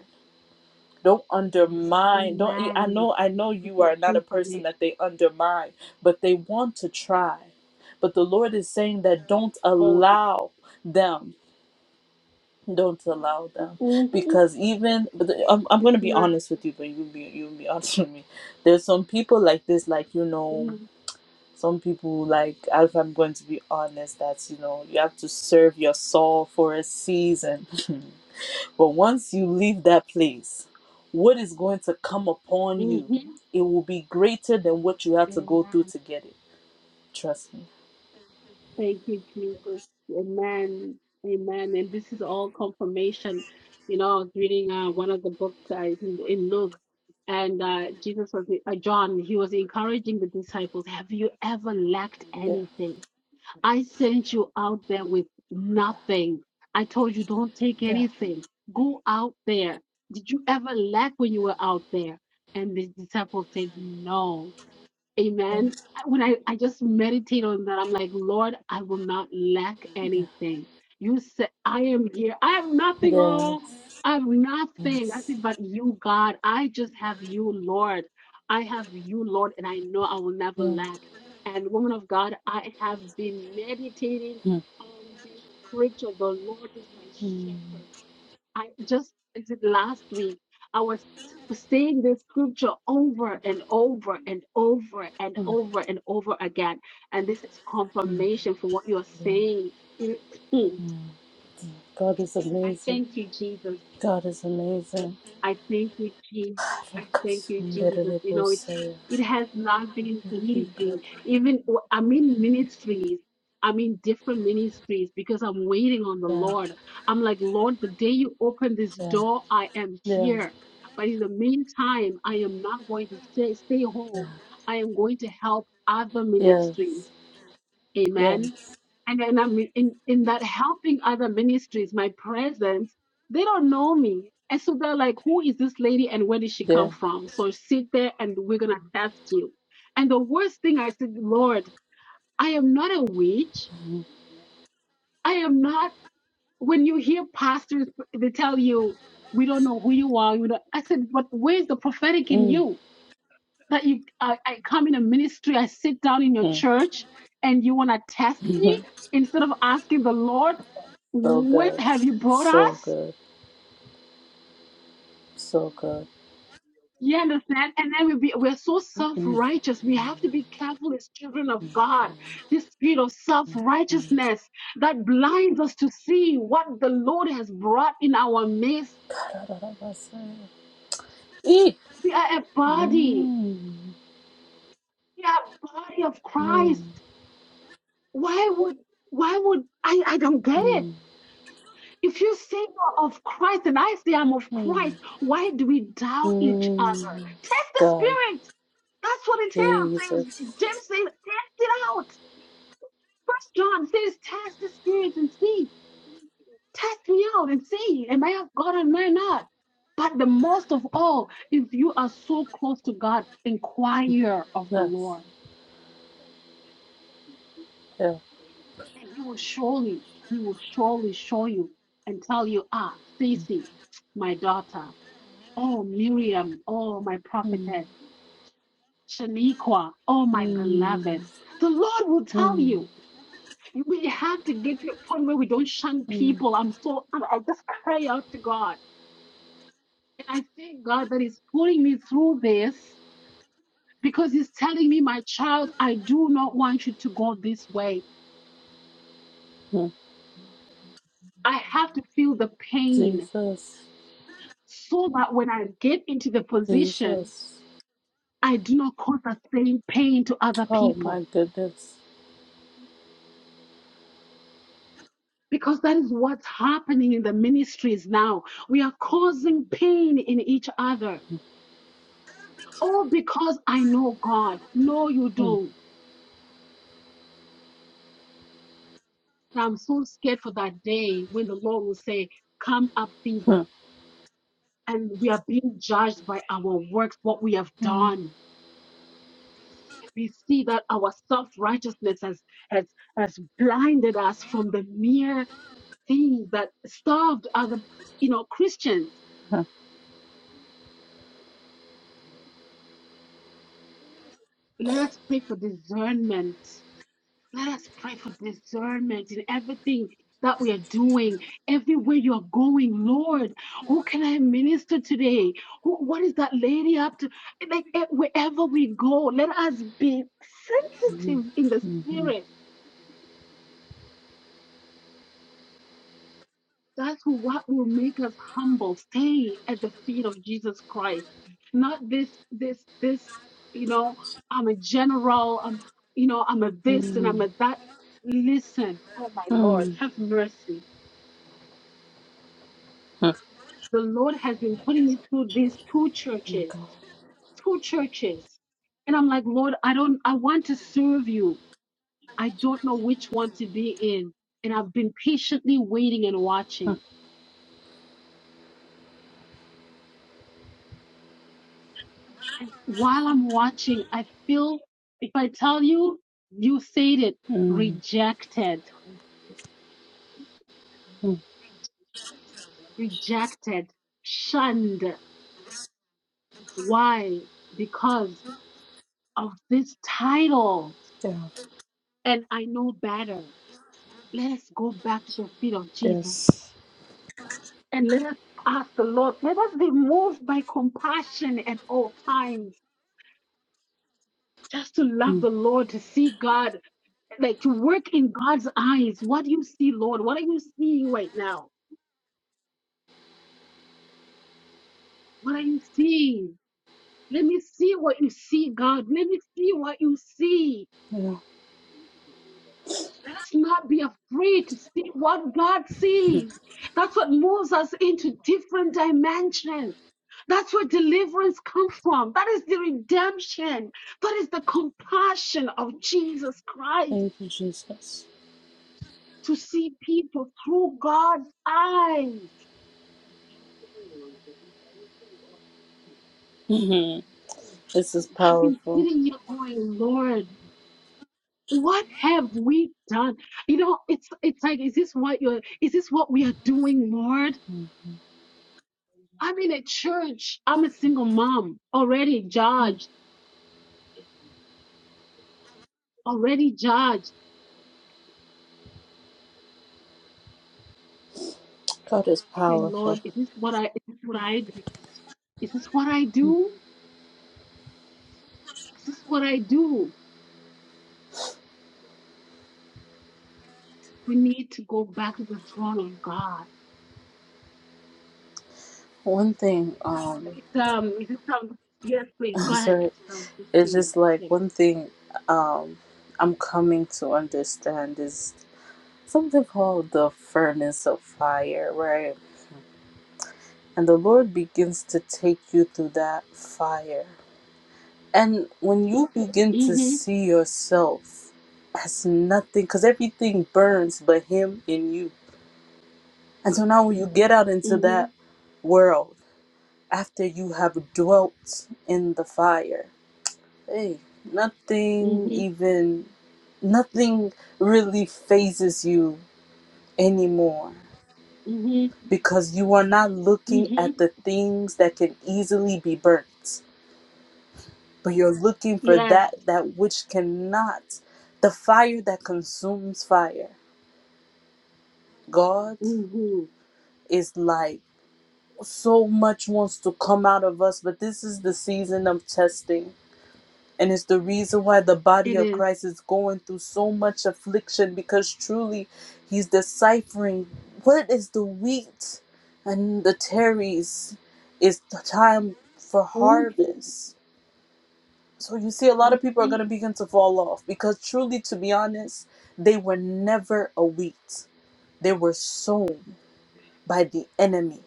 Speaker 3: don't undermine don't i
Speaker 1: Amen.
Speaker 3: know i know
Speaker 1: This
Speaker 3: you
Speaker 1: is
Speaker 3: are not a person that
Speaker 1: confirmation.
Speaker 3: they undermine but they want to try but the lord is saying that don't
Speaker 1: Holy.
Speaker 3: allow them don't allow them
Speaker 1: hmm
Speaker 3: because even but the- i'm, I'm
Speaker 1: It's
Speaker 3: going to be
Speaker 1: not.
Speaker 3: honest with you but you'll be you'll be honest with me there's some people like this like you
Speaker 1: hmm
Speaker 3: know some people like if i'm going to be honest that's you know you have to serve your soul for a season But once you leave that place, what is going to come upon you,
Speaker 1: hmm
Speaker 3: it will be greater than what you had to go
Speaker 1: Amen.
Speaker 3: through to get it. Trust me.
Speaker 1: Thank you, Jesus. Amen. Amen. And this is all confirmation. You know, I was reading uh, one of the books uh, in, in Luke, and uh, Jesus was, uh, John, he was encouraging the disciples Have you ever lacked
Speaker 3: Yeah,
Speaker 1: anything? I sent you out there with
Speaker 3: yeah,
Speaker 1: nothing. I told you, don't take
Speaker 3: yeah,
Speaker 1: anything. Go out there. Did you ever lack when you were out there? And the disciples said, No. Amen.
Speaker 3: yeah,
Speaker 1: When I, I just meditate on that, I'm like, Lord, I will not lack anything. You said, I am here. I have nothing,
Speaker 3: yeah.
Speaker 1: oh, I have nothing. I
Speaker 3: yes,
Speaker 1: said, but you, God, I just have you, Lord. I have you, Lord, and I know I will
Speaker 3: yes,
Speaker 1: never
Speaker 3: yeah.
Speaker 1: lack. And woman of God, I have been meditating
Speaker 3: Mm,
Speaker 1: on this scripture. The Lord is my
Speaker 3: mm,
Speaker 1: shepherd. I just is it last week I was saying this scripture over and over and over and
Speaker 3: mm,
Speaker 1: over and over again, and this is
Speaker 3: mm,
Speaker 1: confirmation for what you're saying.
Speaker 3: mm. God is
Speaker 1: I
Speaker 3: amazing.
Speaker 1: thank you, Jesus.
Speaker 3: God is amazing.
Speaker 1: I thank you, Jesus. I thank you, Jesus. You know, it,
Speaker 3: Rakasundararebosaya.
Speaker 1: it has not been
Speaker 3: Rikad-
Speaker 1: easy. Even w- I'm in ministries, I'm in different ministries because I'm waiting on the
Speaker 3: Yeah,
Speaker 1: Lord. I'm like, Lord, the day you open this
Speaker 3: yeah,
Speaker 1: door, I am
Speaker 3: yeah,
Speaker 1: here. But in the meantime, I am not going to stay, stay
Speaker 3: yeah.
Speaker 1: home. I am going to help other
Speaker 3: Yes,
Speaker 1: ministries. Amen
Speaker 3: yes,
Speaker 1: and then I'm in, in that helping other ministries, my presence, they don't know me. And so they're like, who is this lady and where did she come
Speaker 3: yeah.
Speaker 1: from? So sit there and we're going to test you. And the worst thing I said, Lord, I am not a witch.
Speaker 3: Mm,
Speaker 1: I am not, when you hear pastors, they tell you, we don't know who you are. You know, I said, but where's the prophetic in
Speaker 3: mm.
Speaker 1: you? that you I, I come in a ministry, I sit down in your
Speaker 3: Mm.
Speaker 1: church, and you want to test me
Speaker 3: so
Speaker 1: instead of asking the Lord, "What
Speaker 3: good.
Speaker 1: have you brought
Speaker 3: So
Speaker 1: us?"
Speaker 3: good. So good.
Speaker 1: You understand? And then we be we're so self righteous. We have to be careful as children of God. This spirit of self
Speaker 3: Mm.
Speaker 1: righteousness that blinds us to see what the Lord has brought in our midst.
Speaker 3: Mm. Eek.
Speaker 1: We are a body.
Speaker 3: Mm.
Speaker 1: We are a body of
Speaker 3: Mm.
Speaker 1: Christ. Why would why would I, I don't get it
Speaker 3: Mm.
Speaker 1: If you say you're of Christ and I say I'm of
Speaker 3: Mm.
Speaker 1: Christ, why do we doubt each other?
Speaker 3: Mm.
Speaker 1: Test the
Speaker 3: God,
Speaker 1: spirit. That's what it is.
Speaker 3: Jesus.
Speaker 1: Things- James says, test it out. First John says, test the spirit and see. Test me out and see. Am I of God or am I not? But the most of all, if you are so close to God, inquire of the
Speaker 3: Yes.
Speaker 1: Lord.
Speaker 3: Yeah.
Speaker 1: And he will surely, he will surely show you and tell you, ah, Stacy, my daughter. Oh, Miriam, oh, my
Speaker 3: Mm.
Speaker 1: prophetess, Shaniqua, oh, my beloved.
Speaker 3: Mm.
Speaker 1: The Lord will tell
Speaker 3: Mm.
Speaker 1: you. We have to get to a point where we don't shun
Speaker 3: Mm.
Speaker 1: people. I'm so, I just cry out to God. And I thank God that He's pulling me through this because He's telling me, my child, I do not want you to go this way.
Speaker 3: Mm.
Speaker 1: I have to feel the pain
Speaker 3: Jesus.
Speaker 1: so that when I get into the position,
Speaker 3: Jesus.
Speaker 1: I do not cause the same pain to other
Speaker 3: Oh
Speaker 1: people.
Speaker 3: my goodness.
Speaker 1: Because that is what's happening in the ministries now. We are causing pain in each other. All because I know God. No, you don't. I'm so scared for that day when the Lord will say, Come up thither.
Speaker 3: Mm.
Speaker 1: And we are being judged by our works, what we have
Speaker 3: Mm. Mm.
Speaker 1: done. We see that our self righteousness has, has blinded us from the mere things that starved other, you know, Christians. Let us pray for discernment Let us pray for discernment in everything that we are doing, everywhere you are going, Lord. Who can I minister today? Who, what is that lady up to? Like eh, wherever we go, let us be
Speaker 3: Mm.
Speaker 1: sensitive in the
Speaker 3: Mm.
Speaker 1: spirit. That's what will make us humble. Stay at the feet of Jesus Christ, not this, this, this. You know, I'm a general. I'm, you know, I'm a this and
Speaker 3: Mm.
Speaker 1: I'm a that. Listen, oh my Lord,
Speaker 3: Mm. Mm.
Speaker 1: have mercy
Speaker 3: Oh
Speaker 1: the Lord has been putting me through these two
Speaker 3: my
Speaker 1: churches,
Speaker 3: God.
Speaker 1: two churches. And I'm like, Lord, I don't, I want to serve you. I don't know which one to be in. And I've been patiently waiting and watching. And while I'm watching, I feel, if I tell you, you said it,
Speaker 3: Mm.
Speaker 1: rejected,
Speaker 3: Mm,
Speaker 1: rejected, shunned. Why? Because of this title.
Speaker 3: yeah,
Speaker 1: And I know better. Let's go back to the feet of Jesus
Speaker 3: yes.
Speaker 1: and let us ask the Lord, let us be moved by compassion at all times. Just to love
Speaker 3: Mm,
Speaker 1: the Lord, to see God, like to work in God's eyes. What do you see, Lord? What are you seeing right now? What are you seeing? Let me see what you see, God. Let me see what you see.
Speaker 3: yeah.
Speaker 1: Let's not be afraid to see what God sees. That's what moves us into different dimensions. That's where deliverance comes from. That is the redemption. That is the compassion of Jesus Christ
Speaker 3: Thank you, Jesus.
Speaker 1: to see people through God's eyes.
Speaker 3: Mhm. This is
Speaker 1: I've been
Speaker 3: powerful.
Speaker 1: sitting here going, Lord, what have we done? You know, it's it's like, is this what you're is this what we are doing, Lord? I'm in a church. I'm a single mom, already
Speaker 3: Mm,
Speaker 1: judged, already judged.
Speaker 3: God is
Speaker 1: Say, Lord,
Speaker 3: powerful.
Speaker 1: is this what I is this what I is this what I do? Is this what I do? We need to go back to the throne of God.
Speaker 3: One thing, um,
Speaker 1: It's, um, is it some? Yes, please
Speaker 3: I'm
Speaker 1: go ahead.
Speaker 3: sorry,
Speaker 1: Psalm
Speaker 3: it's
Speaker 1: 15.
Speaker 3: just like one thing, um, I'm coming to understand is something called the furnace of fire, right? And the Lord begins to take you through that fire. And when you begin to
Speaker 1: Mm-hmm.
Speaker 3: see yourself as nothing, because everything burns but Him in you. And so now when you get out into that
Speaker 1: Mm-hmm.
Speaker 3: world, after you have dwelt in the fire, hey, nothing
Speaker 1: Mm-hmm.
Speaker 3: even, nothing really phases you anymore
Speaker 1: Mm-hmm.
Speaker 3: because you are not looking
Speaker 1: Mm-hmm.
Speaker 3: at the things that can easily be burnt. but you're looking for
Speaker 1: Yes.
Speaker 3: that that which cannot the fire that consumes fire god
Speaker 1: Mm-hmm.
Speaker 3: is like so much wants to come out of us but this is the season of testing and it's the reason why the body
Speaker 1: It
Speaker 3: of
Speaker 1: is.
Speaker 3: christ is going through so much affliction because truly he's deciphering what is the wheat and the tares. is the time for
Speaker 1: Mm-hmm.
Speaker 3: harvest So you see, a lot of people are
Speaker 1: Mm-hmm.
Speaker 3: going to begin to fall off because, truly, to be honest, they were never a wheat. They were sown by the enemy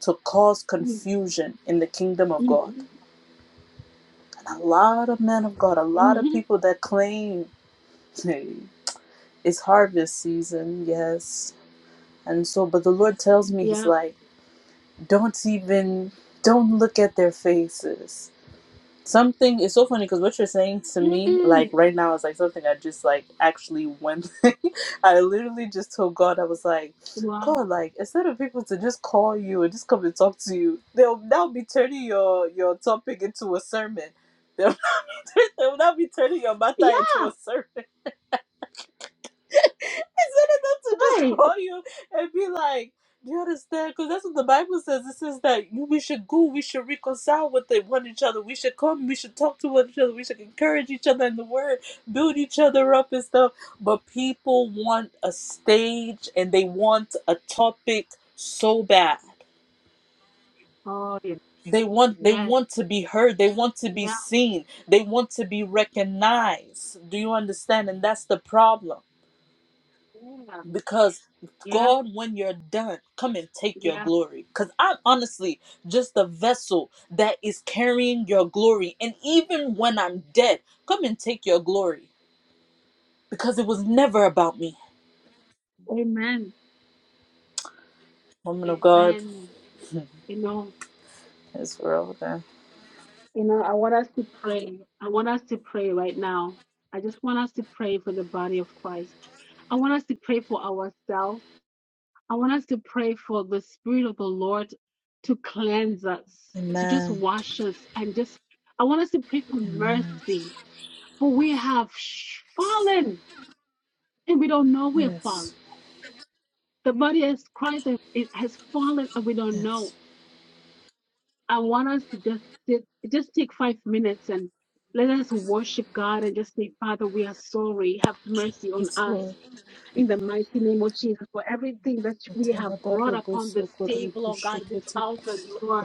Speaker 3: to cause confusion in the kingdom of God.
Speaker 1: Mm-hmm.
Speaker 3: And a lot of men of God, a lot of
Speaker 1: Mm-hmm.
Speaker 3: people that claim hey, it's harvest season, yes. And so, but the Lord tells me, He's
Speaker 1: Yeah.
Speaker 3: like, don't even, don't look at their faces Something is so funny because what you're saying to me,
Speaker 1: Mm-hmm.
Speaker 3: like right now, is like something I just like actually went. I literally just told God I was like,
Speaker 1: Wow.
Speaker 3: God, like instead of people to just call you and just come and talk to you, they'll now be turning your your topic into a sermon. They'll, they'll now be turning your matter
Speaker 1: Yeah,
Speaker 3: into a sermon instead of them to just
Speaker 1: right.
Speaker 3: call you and be like, "Do you understand?" Because that's what the Bible says. It says that you- we should go, we should reconcile with the- one another. We should come, we should talk to one another. We should encourage each other in the Word, build each other up and stuff. But people want a stage and they want a topic so bad.
Speaker 1: Oh, yes,
Speaker 3: They want they
Speaker 1: yes,
Speaker 3: want to be heard. They want to be
Speaker 1: yeah,
Speaker 3: seen. They want to be recognized. Do you understand? And that's the problem
Speaker 1: yeah,
Speaker 3: because
Speaker 1: yeah,
Speaker 3: God, when you're done, come and take your
Speaker 1: yeah.
Speaker 3: glory. Because I'm honestly just a vessel that is carrying your glory. And even when I'm dead, come and take your glory. Because it was never about me.
Speaker 1: Amen.
Speaker 3: Woman of God,
Speaker 1: Amen. You know,
Speaker 3: it's real. Okay.
Speaker 1: you know, I want us to pray. I want us to pray right now. I just want us to pray for the body of Christ. I want us to pray for ourselves. I want us to pray for the Spirit of the Lord to cleanse us, to just
Speaker 3: Amen.
Speaker 1: wash us, and just, I want us to pray for
Speaker 3: Amen.
Speaker 1: mercy. For we have fallen and we don't know we have fallen
Speaker 3: Yes.
Speaker 1: The body has Christ it has fallen and we don't
Speaker 3: Yes.
Speaker 1: know. I want us to just sit, just take five minutes and let us worship God and just say, Father, we are sorry. Have mercy on
Speaker 3: Yes,
Speaker 1: us
Speaker 3: Lord.
Speaker 1: in the mighty name of Jesus for everything that we have brought upon
Speaker 3: Atalabareboso
Speaker 1: this table, oh God, this
Speaker 3: korebosheketi.
Speaker 1: altar, Lord.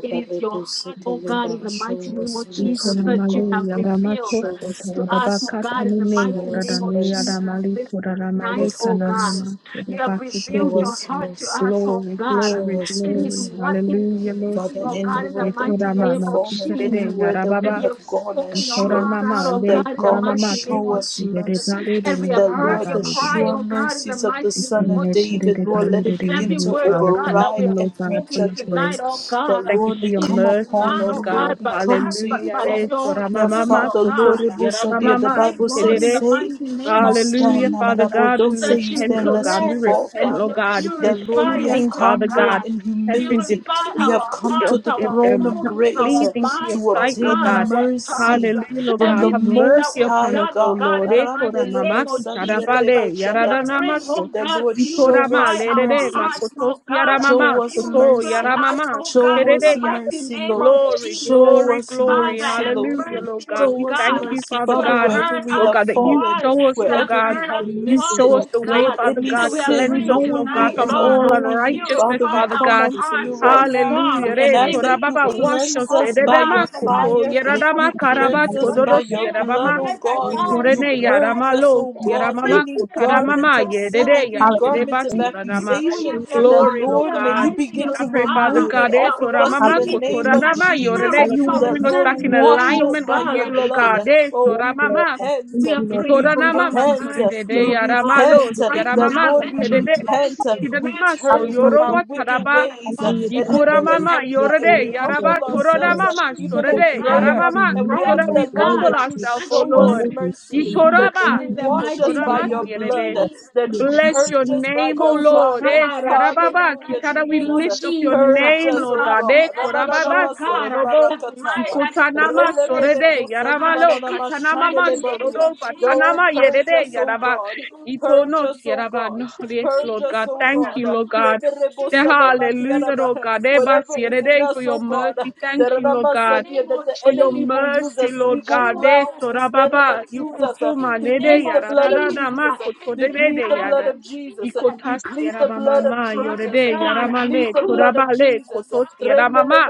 Speaker 1: It is your heart, oh God, in the
Speaker 3: Show
Speaker 1: mighty name
Speaker 3: us
Speaker 1: of Jesus
Speaker 3: mercy,
Speaker 2: Ikona
Speaker 3: O
Speaker 1: that you
Speaker 3: God.
Speaker 2: male
Speaker 1: have
Speaker 2: yara
Speaker 1: revealed
Speaker 3: Show
Speaker 2: matoso
Speaker 3: us
Speaker 1: to
Speaker 2: tara
Speaker 1: us, oh
Speaker 3: mercy.
Speaker 2: babaka
Speaker 1: God, in
Speaker 2: tani
Speaker 1: the
Speaker 2: me
Speaker 1: mighty
Speaker 3: Show
Speaker 2: yora da
Speaker 1: name
Speaker 3: us
Speaker 1: of
Speaker 2: me yara
Speaker 3: mercy.
Speaker 1: Jesus
Speaker 2: mali
Speaker 1: this
Speaker 2: tora
Speaker 3: Show
Speaker 2: male
Speaker 1: night,
Speaker 3: us
Speaker 1: oh
Speaker 2: tana no
Speaker 1: God.
Speaker 2: ma
Speaker 3: mercy.
Speaker 1: You
Speaker 2: shiro
Speaker 1: have
Speaker 3: Show
Speaker 1: revealed your
Speaker 3: us
Speaker 1: heart to
Speaker 3: mercy.
Speaker 1: us, oh
Speaker 2: Glory,
Speaker 1: God.
Speaker 3: Show
Speaker 2: glory,
Speaker 3: us
Speaker 1: It is
Speaker 2: glory.
Speaker 3: mercy, Lord.
Speaker 1: what it is
Speaker 2: Hallelujah, Lord
Speaker 1: missing,
Speaker 3: Father,
Speaker 1: oh
Speaker 2: Jesus.
Speaker 1: God, in the
Speaker 3: anywhere that
Speaker 1: mighty
Speaker 3: we
Speaker 2: Yetora
Speaker 3: have
Speaker 1: name
Speaker 2: mama,
Speaker 1: of
Speaker 3: fallen,
Speaker 1: Jesus.
Speaker 2: kiterede
Speaker 3: anywhere that we
Speaker 1: And
Speaker 2: yarababa.
Speaker 1: you
Speaker 3: have
Speaker 1: have
Speaker 3: gone
Speaker 1: spoken your
Speaker 2: Isora
Speaker 3: astray,
Speaker 1: heart
Speaker 2: mama,
Speaker 1: out, oh
Speaker 3: that
Speaker 1: God,
Speaker 2: le
Speaker 1: in the
Speaker 2: tora
Speaker 3: God
Speaker 1: mighty
Speaker 2: mama
Speaker 1: name
Speaker 3: show
Speaker 1: of
Speaker 2: kiterede,
Speaker 3: us
Speaker 2: Kidede
Speaker 1: Jesus.
Speaker 3: mercy.
Speaker 2: bale de
Speaker 1: And we
Speaker 2: me,
Speaker 1: have
Speaker 3: That
Speaker 1: heard
Speaker 3: Lord,
Speaker 1: your
Speaker 3: the
Speaker 2: talabale de
Speaker 1: cry,
Speaker 2: me.
Speaker 3: sure
Speaker 1: oh God, in the
Speaker 3: mercies of the
Speaker 1: mighty
Speaker 3: Son
Speaker 1: name
Speaker 3: of
Speaker 1: of
Speaker 2: Isemine
Speaker 3: David,
Speaker 2: terede
Speaker 1: Jesus.
Speaker 3: Lord,
Speaker 1: And
Speaker 2: bale
Speaker 3: let
Speaker 2: de
Speaker 3: it
Speaker 2: de.
Speaker 3: begin
Speaker 1: every
Speaker 2: Heavenly
Speaker 3: to
Speaker 1: word, oh
Speaker 2: Father,
Speaker 1: God,
Speaker 2: thank
Speaker 1: that we
Speaker 3: override
Speaker 2: you,
Speaker 1: have
Speaker 2: Lord God,
Speaker 3: every
Speaker 2: for
Speaker 1: spoken
Speaker 2: your grace.
Speaker 1: tonight, oh
Speaker 3: judgment.
Speaker 1: God,
Speaker 3: That
Speaker 2: Thank you
Speaker 3: Lord,
Speaker 2: for
Speaker 3: we
Speaker 2: your
Speaker 1: it is
Speaker 3: come
Speaker 2: mercy,
Speaker 1: not,
Speaker 3: upon
Speaker 2: Lord
Speaker 3: you,
Speaker 1: oh God,
Speaker 2: God.
Speaker 3: Lord, we
Speaker 1: by
Speaker 3: come
Speaker 1: us,
Speaker 3: to
Speaker 1: but
Speaker 3: you,
Speaker 2: Hallelujah.
Speaker 1: by
Speaker 2: Re
Speaker 3: God.
Speaker 1: your
Speaker 3: That
Speaker 1: spirit,
Speaker 2: mama,
Speaker 1: oh
Speaker 3: Father, Lord,
Speaker 2: kotos
Speaker 1: God.
Speaker 2: yarababa
Speaker 1: We
Speaker 3: Rebosadia,
Speaker 1: are
Speaker 3: the
Speaker 2: mama,
Speaker 1: praying,
Speaker 3: Bible
Speaker 1: Lord,
Speaker 3: says,
Speaker 1: in
Speaker 2: kiterede.
Speaker 1: the mighty
Speaker 3: say
Speaker 1: name
Speaker 3: you
Speaker 1: of
Speaker 2: Hallelujah,
Speaker 3: stand,
Speaker 1: Jesus,
Speaker 2: Father
Speaker 3: Nanarabo.
Speaker 2: God, we
Speaker 3: Don't say
Speaker 1: that
Speaker 3: you
Speaker 1: you
Speaker 2: repent,
Speaker 3: stand
Speaker 2: Lord
Speaker 3: lest
Speaker 2: God.
Speaker 3: you
Speaker 2: We
Speaker 1: cleanse us
Speaker 3: fall,
Speaker 2: repent,
Speaker 1: and
Speaker 2: Lord
Speaker 1: you
Speaker 3: Father.
Speaker 2: God. If there's
Speaker 3: That Lord,
Speaker 1: purify
Speaker 3: we
Speaker 1: us,
Speaker 3: have
Speaker 2: anything,
Speaker 1: oh
Speaker 2: Father
Speaker 3: come, Lord,
Speaker 2: God,
Speaker 1: God.
Speaker 3: in
Speaker 2: has been
Speaker 3: humility
Speaker 1: Purify
Speaker 3: we
Speaker 2: depleted,
Speaker 3: have
Speaker 1: our
Speaker 3: come to
Speaker 2: um,
Speaker 1: hearts,
Speaker 3: the
Speaker 2: um,
Speaker 1: our
Speaker 3: throne
Speaker 2: um,
Speaker 3: of
Speaker 2: not
Speaker 1: motives,
Speaker 3: grace
Speaker 1: our
Speaker 3: uh,
Speaker 2: pleasing to your
Speaker 1: minds,
Speaker 3: to
Speaker 1: oh
Speaker 2: sight, Lord
Speaker 1: God,
Speaker 2: God.
Speaker 3: obtain
Speaker 1: our tongues,
Speaker 3: mercy
Speaker 2: Hallelujah,
Speaker 1: uh,
Speaker 2: Lord
Speaker 3: from
Speaker 2: God.
Speaker 3: the
Speaker 2: Have
Speaker 1: everything that
Speaker 3: Most
Speaker 2: mercy
Speaker 1: we've
Speaker 3: High
Speaker 2: upon us,
Speaker 1: done,
Speaker 2: O
Speaker 1: oh
Speaker 3: God.
Speaker 1: God, in
Speaker 2: Lord.
Speaker 1: the
Speaker 2: Eh, tora
Speaker 1: mighty
Speaker 2: mama,
Speaker 1: name of
Speaker 2: ki tara
Speaker 1: Jesus. Uh,
Speaker 2: bale,
Speaker 1: We
Speaker 2: yara
Speaker 1: are
Speaker 2: da nama
Speaker 1: praying,
Speaker 2: so.
Speaker 1: oh
Speaker 3: The
Speaker 1: God,
Speaker 3: Lord show
Speaker 1: purify
Speaker 3: us
Speaker 1: our
Speaker 3: mercy.
Speaker 1: hearts,
Speaker 2: koto
Speaker 1: oh
Speaker 2: si
Speaker 1: God,
Speaker 2: yara
Speaker 1: Uh,
Speaker 3: Show us
Speaker 1: purify
Speaker 3: mercy.
Speaker 1: us, oh God,
Speaker 3: Show
Speaker 1: in the
Speaker 3: us
Speaker 2: ya.
Speaker 1: mighty
Speaker 3: mercy,
Speaker 1: name of
Speaker 3: Lord.
Speaker 2: Glory,
Speaker 1: Jesus. Uh,
Speaker 3: Show
Speaker 2: glory,
Speaker 3: us
Speaker 2: glory.
Speaker 1: Father,
Speaker 3: mercy,
Speaker 1: have
Speaker 3: Lord.
Speaker 2: Hallelujah, Lord
Speaker 1: mercy,
Speaker 2: God.
Speaker 1: oh
Speaker 2: We
Speaker 3: Show us
Speaker 1: God.
Speaker 2: thank you,
Speaker 3: mercy,
Speaker 2: Father
Speaker 1: You
Speaker 3: Father,
Speaker 1: have
Speaker 2: God.
Speaker 3: wherever
Speaker 1: heard
Speaker 3: we
Speaker 2: Lord
Speaker 3: have
Speaker 1: us.
Speaker 2: God, that you
Speaker 3: fallen,
Speaker 1: Why
Speaker 2: show us,
Speaker 1: you
Speaker 2: Lord
Speaker 1: have
Speaker 3: wherever
Speaker 2: God.
Speaker 3: we
Speaker 1: heard
Speaker 3: have
Speaker 1: us
Speaker 2: You
Speaker 3: missed
Speaker 1: talk,
Speaker 2: show
Speaker 3: it.
Speaker 2: us
Speaker 1: oh
Speaker 2: the way,
Speaker 3: Lord,
Speaker 1: God,
Speaker 2: Father
Speaker 3: any
Speaker 2: God.
Speaker 1: and we are
Speaker 3: sin,
Speaker 2: Cleanse
Speaker 1: praying
Speaker 2: us, Lord God,
Speaker 1: tonight,
Speaker 3: knowingly
Speaker 2: from
Speaker 3: and
Speaker 1: Lord.
Speaker 2: all
Speaker 3: unknowingly,
Speaker 2: unrighteousness,
Speaker 3: Father,
Speaker 1: Purify
Speaker 3: we
Speaker 2: Father
Speaker 3: come
Speaker 1: our
Speaker 2: God.
Speaker 3: unto you
Speaker 1: hearts, oh
Speaker 3: right now
Speaker 1: God.
Speaker 2: Hallelujah.
Speaker 3: and
Speaker 2: Re
Speaker 1: May
Speaker 3: ask that
Speaker 1: we
Speaker 3: you
Speaker 2: torababa
Speaker 1: see you,
Speaker 2: wash
Speaker 3: cleanse
Speaker 2: us.
Speaker 1: oh
Speaker 3: us by
Speaker 1: God,
Speaker 3: your
Speaker 2: Ededema
Speaker 1: in the
Speaker 2: koto
Speaker 1: mighty
Speaker 3: fire.
Speaker 1: name of
Speaker 2: yeradama
Speaker 3: You
Speaker 2: karaba
Speaker 3: cleanse
Speaker 1: Jesus.
Speaker 3: us by
Speaker 2: tododos
Speaker 3: your blood,
Speaker 2: yerabama.
Speaker 3: O
Speaker 1: Purify my
Speaker 3: God.
Speaker 1: mind,
Speaker 3: You
Speaker 2: Itorene
Speaker 1: purify
Speaker 3: purge
Speaker 1: my
Speaker 3: us,
Speaker 2: yaramalo
Speaker 3: O
Speaker 1: soul,
Speaker 3: God,
Speaker 1: purify
Speaker 2: yeramama
Speaker 3: any
Speaker 1: my heart,
Speaker 3: garment
Speaker 2: kotadamama
Speaker 3: of
Speaker 1: oh
Speaker 3: sin,
Speaker 1: God.
Speaker 2: yedede
Speaker 3: every
Speaker 1: We are
Speaker 3: garment
Speaker 2: yasedeba
Speaker 3: of
Speaker 1: seeing
Speaker 2: sodanama.
Speaker 1: before
Speaker 3: accusation
Speaker 1: you, we are
Speaker 3: that
Speaker 1: not
Speaker 2: Glory, Lord
Speaker 3: Lord, may
Speaker 2: God.
Speaker 3: you
Speaker 1: realizing,
Speaker 3: begin
Speaker 2: I
Speaker 3: to
Speaker 1: oh
Speaker 2: pray, Father
Speaker 1: God.
Speaker 3: remove it
Speaker 2: God,
Speaker 1: We
Speaker 2: eh,
Speaker 3: off
Speaker 1: are
Speaker 3: of us in
Speaker 2: toramama,
Speaker 1: walking
Speaker 3: the
Speaker 1: in this
Speaker 3: name
Speaker 4: Hallelujah.
Speaker 3: of
Speaker 2: kotoranama,
Speaker 3: Jesus.
Speaker 2: yorede,
Speaker 3: Uh,
Speaker 1: transparent,
Speaker 2: you will
Speaker 3: That
Speaker 2: bring us
Speaker 3: Lord,
Speaker 2: back
Speaker 1: pharisaic
Speaker 2: in
Speaker 3: wash
Speaker 1: mind,
Speaker 3: us
Speaker 1: oh
Speaker 2: alignment with
Speaker 3: by your
Speaker 2: you,
Speaker 1: God.
Speaker 2: Lord
Speaker 3: blood. Uh,
Speaker 2: God. Eh,
Speaker 3: Oh,
Speaker 4: Yes,
Speaker 3: we
Speaker 4: Lord,
Speaker 2: toramama,
Speaker 4: I
Speaker 3: repent.
Speaker 4: thank
Speaker 1: We
Speaker 3: uh,
Speaker 1: are
Speaker 4: you, Lord
Speaker 1: praying
Speaker 3: We
Speaker 4: Jesus.
Speaker 1: for your
Speaker 2: Itoranamas
Speaker 4: Hallelujah,
Speaker 3: repent.
Speaker 4: thank you,
Speaker 3: uh,
Speaker 1: mercy,
Speaker 2: sorede
Speaker 3: We
Speaker 1: oh God.
Speaker 4: Thank
Speaker 2: yaramalos
Speaker 3: repent.
Speaker 4: you
Speaker 3: uh,
Speaker 4: for
Speaker 1: Right
Speaker 4: being
Speaker 3: That
Speaker 1: now,
Speaker 4: so
Speaker 2: yaramamaki
Speaker 3: Lord, we
Speaker 1: let your
Speaker 4: kind
Speaker 2: terede
Speaker 4: to us.
Speaker 3: repent.
Speaker 1: mercy,
Speaker 3: uh, We
Speaker 2: tidanamaso
Speaker 1: mercy,
Speaker 3: turn
Speaker 4: Hallelujah,
Speaker 3: from our
Speaker 4: thank
Speaker 2: yorova
Speaker 1: mercy
Speaker 3: wicked
Speaker 4: you.
Speaker 2: taraba
Speaker 1: on the
Speaker 3: ways. uh,
Speaker 4: Hallelujah,
Speaker 1: body
Speaker 4: thank
Speaker 1: of
Speaker 4: you, Lord.
Speaker 2: yikoramama
Speaker 1: Christ, the
Speaker 4: Yes,
Speaker 3: Kadia, And
Speaker 2: yorede
Speaker 4: Lord,
Speaker 3: we
Speaker 2: yaraba
Speaker 1: church,
Speaker 4: Lord,
Speaker 3: humble
Speaker 4: thank
Speaker 1: the
Speaker 4: you,
Speaker 3: ourselves
Speaker 4: Lord.
Speaker 3: uh,
Speaker 2: toronamama
Speaker 1: church,
Speaker 3: even
Speaker 4: Because
Speaker 3: in
Speaker 2: sorede
Speaker 1: oh
Speaker 4: we are
Speaker 1: God,
Speaker 4: meeting,
Speaker 3: prayer.
Speaker 1: your
Speaker 2: yaramama
Speaker 3: And we
Speaker 4: meeting,
Speaker 1: bride,
Speaker 2: totora
Speaker 3: ask
Speaker 2: we
Speaker 4: Lord,
Speaker 3: the
Speaker 1: oh
Speaker 3: Lord
Speaker 4: glory to glory
Speaker 1: God,
Speaker 2: humble
Speaker 3: that
Speaker 4: with
Speaker 3: you
Speaker 4: you.
Speaker 2: ourselves O
Speaker 1: that you
Speaker 3: show us
Speaker 1: want
Speaker 2: Lord
Speaker 1: to
Speaker 4: Amazing.
Speaker 3: mercy,
Speaker 1: see, oh
Speaker 4: Hallelujah,
Speaker 3: that
Speaker 2: yitoraba
Speaker 3: you
Speaker 4: thank
Speaker 1: God, in
Speaker 4: you,
Speaker 1: the
Speaker 3: wash
Speaker 4: Jesus.
Speaker 1: mighty
Speaker 3: us by
Speaker 2: yikotoramas
Speaker 1: name
Speaker 3: your
Speaker 4: Hallelujah,
Speaker 1: of
Speaker 4: thank you,
Speaker 3: blood,
Speaker 4: Lord.
Speaker 1: Jesus.
Speaker 3: that you
Speaker 1: We
Speaker 2: Bless your
Speaker 3: purge us by
Speaker 2: name, O
Speaker 3: your
Speaker 1: miracles, oh
Speaker 2: Lord.
Speaker 3: fire,
Speaker 2: Eh,
Speaker 1: God, uh, in the
Speaker 2: shirababa,
Speaker 3: Hallelujah,
Speaker 1: mighty
Speaker 2: Kitana, we
Speaker 1: name
Speaker 3: Jesus.
Speaker 1: of
Speaker 2: lift up your
Speaker 1: Jesus, uh,
Speaker 3: Purge
Speaker 2: name,
Speaker 3: us,
Speaker 2: Lord
Speaker 3: O
Speaker 1: without
Speaker 2: God. Eh,
Speaker 3: God.
Speaker 1: blemish,
Speaker 2: korababa,
Speaker 1: oh God,
Speaker 3: Ananamasali
Speaker 1: uh,
Speaker 2: sorodobo,
Speaker 1: the light
Speaker 3: marakataya.
Speaker 1: that is
Speaker 2: ikotanama,
Speaker 1: faultless,
Speaker 3: Relebele
Speaker 1: oh
Speaker 2: sorede,
Speaker 3: kosali
Speaker 1: God,
Speaker 2: yaramalo,
Speaker 3: manana
Speaker 1: in the
Speaker 2: katanamama,
Speaker 1: mighty
Speaker 3: mashandele
Speaker 1: name
Speaker 3: badia.
Speaker 1: of
Speaker 2: sorodo,
Speaker 3: Though
Speaker 1: Jesus,
Speaker 2: batanama,
Speaker 3: purge
Speaker 1: uh, and
Speaker 3: us,
Speaker 2: yerede,
Speaker 1: we are
Speaker 3: O
Speaker 2: yaraba,
Speaker 3: God.
Speaker 1: asking, oh
Speaker 3: Purge
Speaker 1: Lord,
Speaker 2: ipono,
Speaker 3: us, O
Speaker 2: yaraba.
Speaker 3: God.
Speaker 2: No, yes,
Speaker 3: Purge
Speaker 2: Lord
Speaker 1: interceding,
Speaker 3: us,
Speaker 2: God.
Speaker 3: oh
Speaker 1: Lord,
Speaker 2: Thank
Speaker 1: uh,
Speaker 3: God.
Speaker 2: you, Lord
Speaker 1: for
Speaker 2: God.
Speaker 1: every
Speaker 2: Eh,
Speaker 1: church, oh
Speaker 2: Hallelujah, Lord
Speaker 3: Leberebosalemandiyaraba.
Speaker 2: God. Eh, bas,
Speaker 3: Whatever is in
Speaker 2: yerede, For
Speaker 3: us,
Speaker 2: your
Speaker 3: oh
Speaker 1: i
Speaker 3: God,
Speaker 2: mercy. Thank you, Lord
Speaker 1: lift the
Speaker 2: God
Speaker 3: Deramasandia,
Speaker 1: name
Speaker 3: that
Speaker 1: of
Speaker 3: the
Speaker 2: for your
Speaker 3: enemy
Speaker 1: Jesus,
Speaker 3: will
Speaker 1: uh,
Speaker 3: use
Speaker 2: mercy,
Speaker 3: as
Speaker 2: Lord
Speaker 1: that
Speaker 3: legal
Speaker 2: God.
Speaker 1: you, oh
Speaker 2: De
Speaker 1: God,
Speaker 3: grounds to
Speaker 1: are
Speaker 3: stand and
Speaker 2: sorababa,
Speaker 1: elected
Speaker 3: accuse
Speaker 1: uh,
Speaker 3: us.
Speaker 1: in
Speaker 2: yukutuma
Speaker 1: the
Speaker 3: We
Speaker 1: name
Speaker 2: nede
Speaker 3: plead
Speaker 1: of
Speaker 3: the
Speaker 2: yara da
Speaker 3: blood of
Speaker 2: da da
Speaker 1: Jesus.
Speaker 2: ma
Speaker 1: uh,
Speaker 3: Jesus.
Speaker 1: In
Speaker 3: We
Speaker 1: this
Speaker 2: kotodere de de
Speaker 3: plead
Speaker 2: de
Speaker 3: the
Speaker 1: time
Speaker 3: blood
Speaker 2: yada.
Speaker 1: and
Speaker 3: of Jesus.
Speaker 1: season,
Speaker 3: We
Speaker 2: Ikotas
Speaker 3: plead the
Speaker 2: yaraba
Speaker 1: cleanse
Speaker 2: mama
Speaker 3: blood
Speaker 1: your
Speaker 3: of
Speaker 2: ma
Speaker 1: bride,
Speaker 3: Jesus.
Speaker 2: yorede
Speaker 1: God.
Speaker 3: We plead
Speaker 2: yaramale
Speaker 3: the blood of
Speaker 1: Cleanse
Speaker 2: torabale
Speaker 1: your
Speaker 3: Jesus.
Speaker 2: kotos
Speaker 1: bride, God.
Speaker 2: yaramama.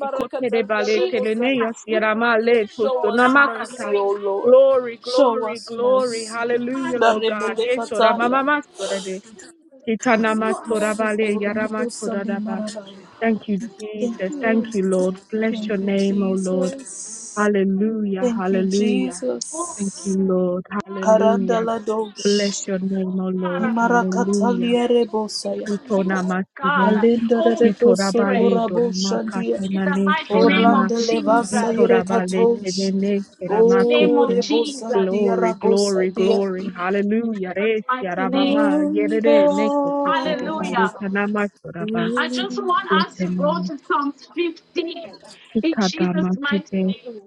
Speaker 2: Ikotere bale
Speaker 1: Jesus,
Speaker 2: telene
Speaker 1: uh,
Speaker 3: rebosaya.
Speaker 2: yas
Speaker 1: we
Speaker 2: yaramale
Speaker 1: repent,
Speaker 3: Show
Speaker 1: oh
Speaker 3: us
Speaker 2: tostonama
Speaker 1: God. uh,
Speaker 3: mercy,
Speaker 2: kata.
Speaker 1: We
Speaker 3: O
Speaker 1: come
Speaker 3: Lord.
Speaker 1: before
Speaker 2: Glory,
Speaker 1: you, oh
Speaker 3: Show
Speaker 1: God.
Speaker 2: glory,
Speaker 3: us
Speaker 2: glory.
Speaker 3: mercy.
Speaker 1: Renew
Speaker 2: Hallelujah,
Speaker 1: us,
Speaker 3: The
Speaker 2: Lord
Speaker 1: oh
Speaker 2: God.
Speaker 3: rebele
Speaker 1: God.
Speaker 2: Yes,
Speaker 3: kataya.
Speaker 2: mama
Speaker 1: In
Speaker 2: ma
Speaker 1: the name of
Speaker 2: sorade.
Speaker 1: Jesus,
Speaker 3: Thank
Speaker 1: renew
Speaker 2: Kitanama
Speaker 1: our
Speaker 2: sorabale
Speaker 1: spirit,
Speaker 2: yarama
Speaker 1: oh
Speaker 2: soradaba.
Speaker 1: we know how
Speaker 2: Thank you,
Speaker 1: wonderful
Speaker 2: Jesus.
Speaker 3: you.
Speaker 2: Thank
Speaker 1: God
Speaker 2: you, Lord.
Speaker 1: makes
Speaker 2: Bless
Speaker 3: Thank
Speaker 2: your
Speaker 3: you,
Speaker 1: His
Speaker 2: name, O
Speaker 1: name
Speaker 2: Lord.
Speaker 3: Jesus.
Speaker 1: known. We are not
Speaker 2: Hallelujah.
Speaker 3: Thank you,
Speaker 1: ashamed.
Speaker 2: Hallelujah.
Speaker 1: Oh
Speaker 2: Thank
Speaker 3: Jesus.
Speaker 2: you,
Speaker 1: God,
Speaker 2: Lord.
Speaker 1: we want to hear more
Speaker 2: Hallelujah.
Speaker 3: Karandala dosh.
Speaker 2: Bless
Speaker 1: from
Speaker 2: your
Speaker 1: you.
Speaker 2: name, O
Speaker 1: Oh
Speaker 2: Lord.
Speaker 1: God, we want to
Speaker 2: Hallelujah.
Speaker 3: Imarakatalia
Speaker 1: hear more
Speaker 3: rebosaya.
Speaker 1: from you.
Speaker 2: Itona
Speaker 1: Oh God,
Speaker 2: masine,
Speaker 3: Alinda
Speaker 1: Holy
Speaker 3: reboso
Speaker 2: itorabale
Speaker 1: Spirit,
Speaker 2: donama
Speaker 3: koraboshandia.
Speaker 1: in the
Speaker 2: katenane
Speaker 1: mighty name
Speaker 2: sorama,
Speaker 1: of
Speaker 3: Orlando levasa
Speaker 1: Jesus,
Speaker 2: itorabale
Speaker 3: irekatosh.
Speaker 2: tenene
Speaker 1: mighty name
Speaker 3: O
Speaker 1: of
Speaker 2: seramakoto.
Speaker 1: Jesus,
Speaker 3: rebosandia
Speaker 2: Glory, glory,
Speaker 3: rabosandia.
Speaker 2: glory. Hallelujah.
Speaker 1: Jesus'
Speaker 2: Res
Speaker 1: mighty
Speaker 2: yaramama
Speaker 1: name.
Speaker 3: Amen.
Speaker 2: yerere nekoto dedebale
Speaker 1: Hallelujah!
Speaker 2: tanama soraba.
Speaker 1: I just want
Speaker 2: Yes,
Speaker 1: us to go
Speaker 2: amen.
Speaker 1: to Psalms 15 in
Speaker 2: Ikadama
Speaker 1: Jesus' mighty
Speaker 2: sipe.
Speaker 1: name.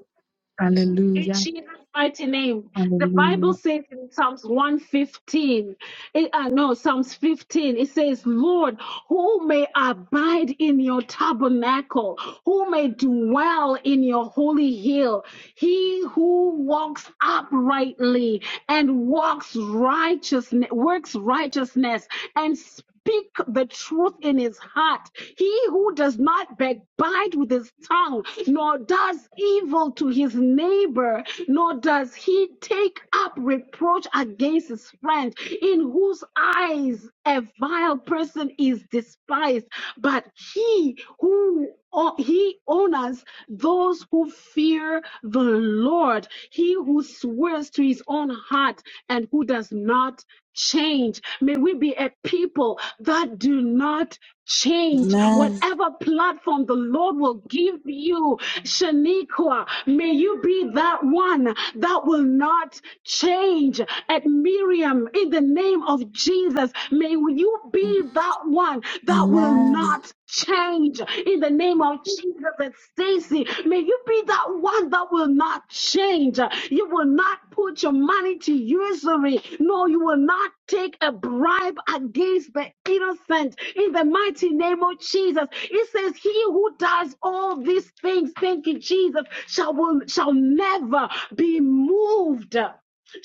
Speaker 1: In
Speaker 2: Hallelujah.
Speaker 1: Jesus' mighty name. The Bible
Speaker 2: Hallelujah.
Speaker 1: says in Psalms 115, it, uh, no, Psalms 15, it says, Lord, who may abide in your tabernacle? Who may dwell in your holy hill? He who walks uprightly and walks righteousness, works righteousness and speak the truth in his heart. He who does not backbite with his tongue, nor does evil to his neighbor, nor does he take up reproach against his friend, in whose eyes a vile person is despised. But he who o- he honors those who fear the Lord. He who swears to his own heart and and who does not change. May we be a people that do not change. Whatever platform the Lord will give you, Shaniqua, may you be that one that will not change. At Miriam, in the name of Jesus, may you be that one that will
Speaker 3: Amen.
Speaker 1: not change. In the name of Jesus at Stacy, may you be that one that will not not change. You will not put your money to usury. No, you will not take a bribe against the innocent. In the mighty name of Jesus, it says, "He who does all these things, thank you, Jesus, shall will, shall never be moved."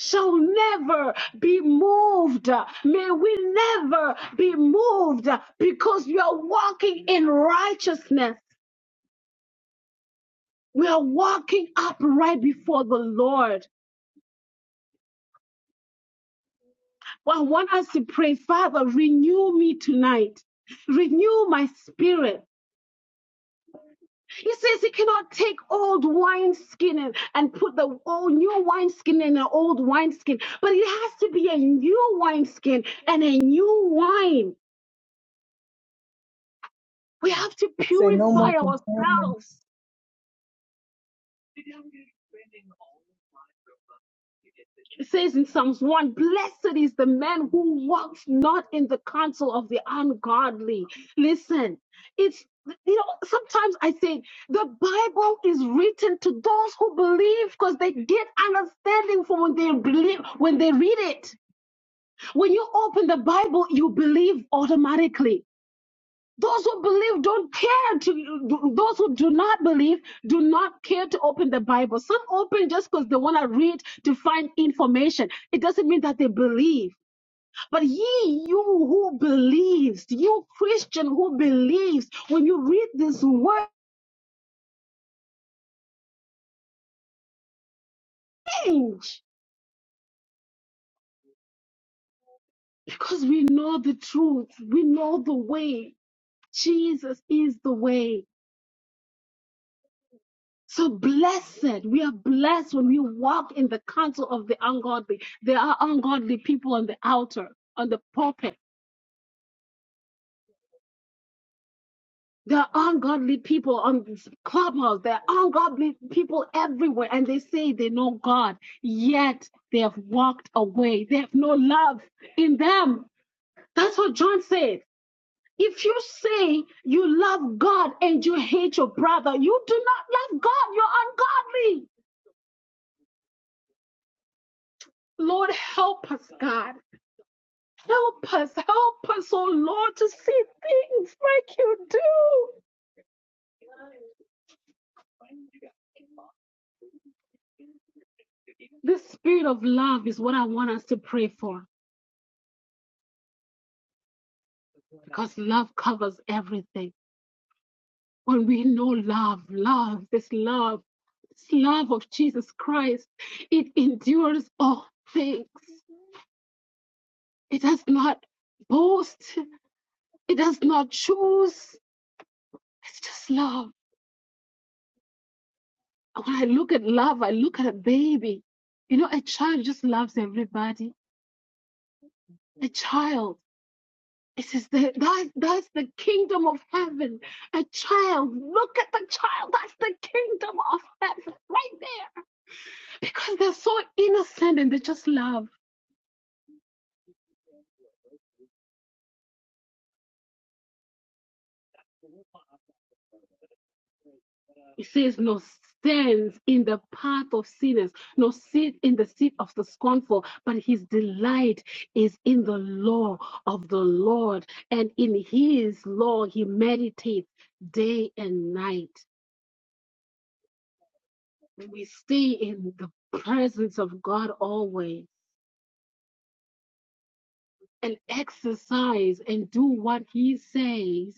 Speaker 1: Shall never be moved. May we never be moved because we are walking in righteousness. We are walking upright before the Lord. Well, I want us to pray, Father, renew me tonight. Renew my spirit. He says he cannot take old wineskin and, and put the old new wineskin in an old wineskin, but it has to be a new wineskin and a new wine. We have to
Speaker 4: Say no more
Speaker 1: purify
Speaker 4: complaining.
Speaker 1: ourselves. It says in Psalms 1 Blessed is the man who walks not in the counsel of the ungodly. Listen, it's you know, sometimes I think the Bible is written to those who believe because they get understanding from when they believe when they read it. When you open the Bible, you believe automatically. Those who believe don't care to, those who do not believe do not care to open the Bible. Some open just because they want to read to find information. It doesn't mean that they believe. But ye, you who believes, you Christian who believes, when you read this word, change. because we know the truth, we know the way. Jesus is the way. So blessed, we are blessed when we walk in the counsel of the ungodly. There are ungodly people on the altar, on the pulpit. There are ungodly people on this clubhouse. There are ungodly people everywhere, and they say they know God, yet they have walked away. They have no love in them. That's what John said. If you say you love God and you hate your brother, you do not love God. You're ungodly. Lord, help us, God. Help us, help us, oh Lord, to see things like you do. The spirit of love is what I want us to pray for because love covers everything. When we know love, love, this love, this love of Jesus Christ, it endures all things. It does not boast, it does not choose. It's just love. And When I look at love, I look at a baby. You know, a child just loves everybody. A child. This is the that's that's the kingdom of heaven. A child, look at the child. That's the kingdom of heaven right there. Because they're so innocent and they just love. It says no stands in the path of sinners, no sit in the seat of the scornful, but his delight is in the law of the Lord, and in his law he meditates day and night. We stay in the presence of God always and exercise and do what he says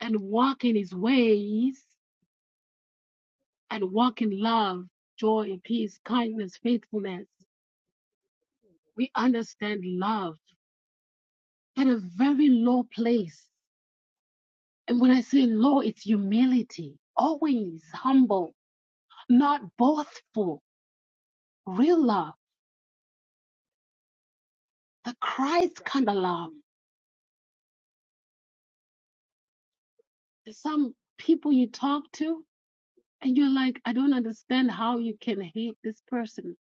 Speaker 1: and walk in his ways and walk in love, joy, and peace, kindness, faithfulness. We understand love at a very low place. And when I say low, it's humility, always humble, not boastful, real love, the Christ kind of love. There's some people you talk to, and you're like, I don't understand how you can hate this person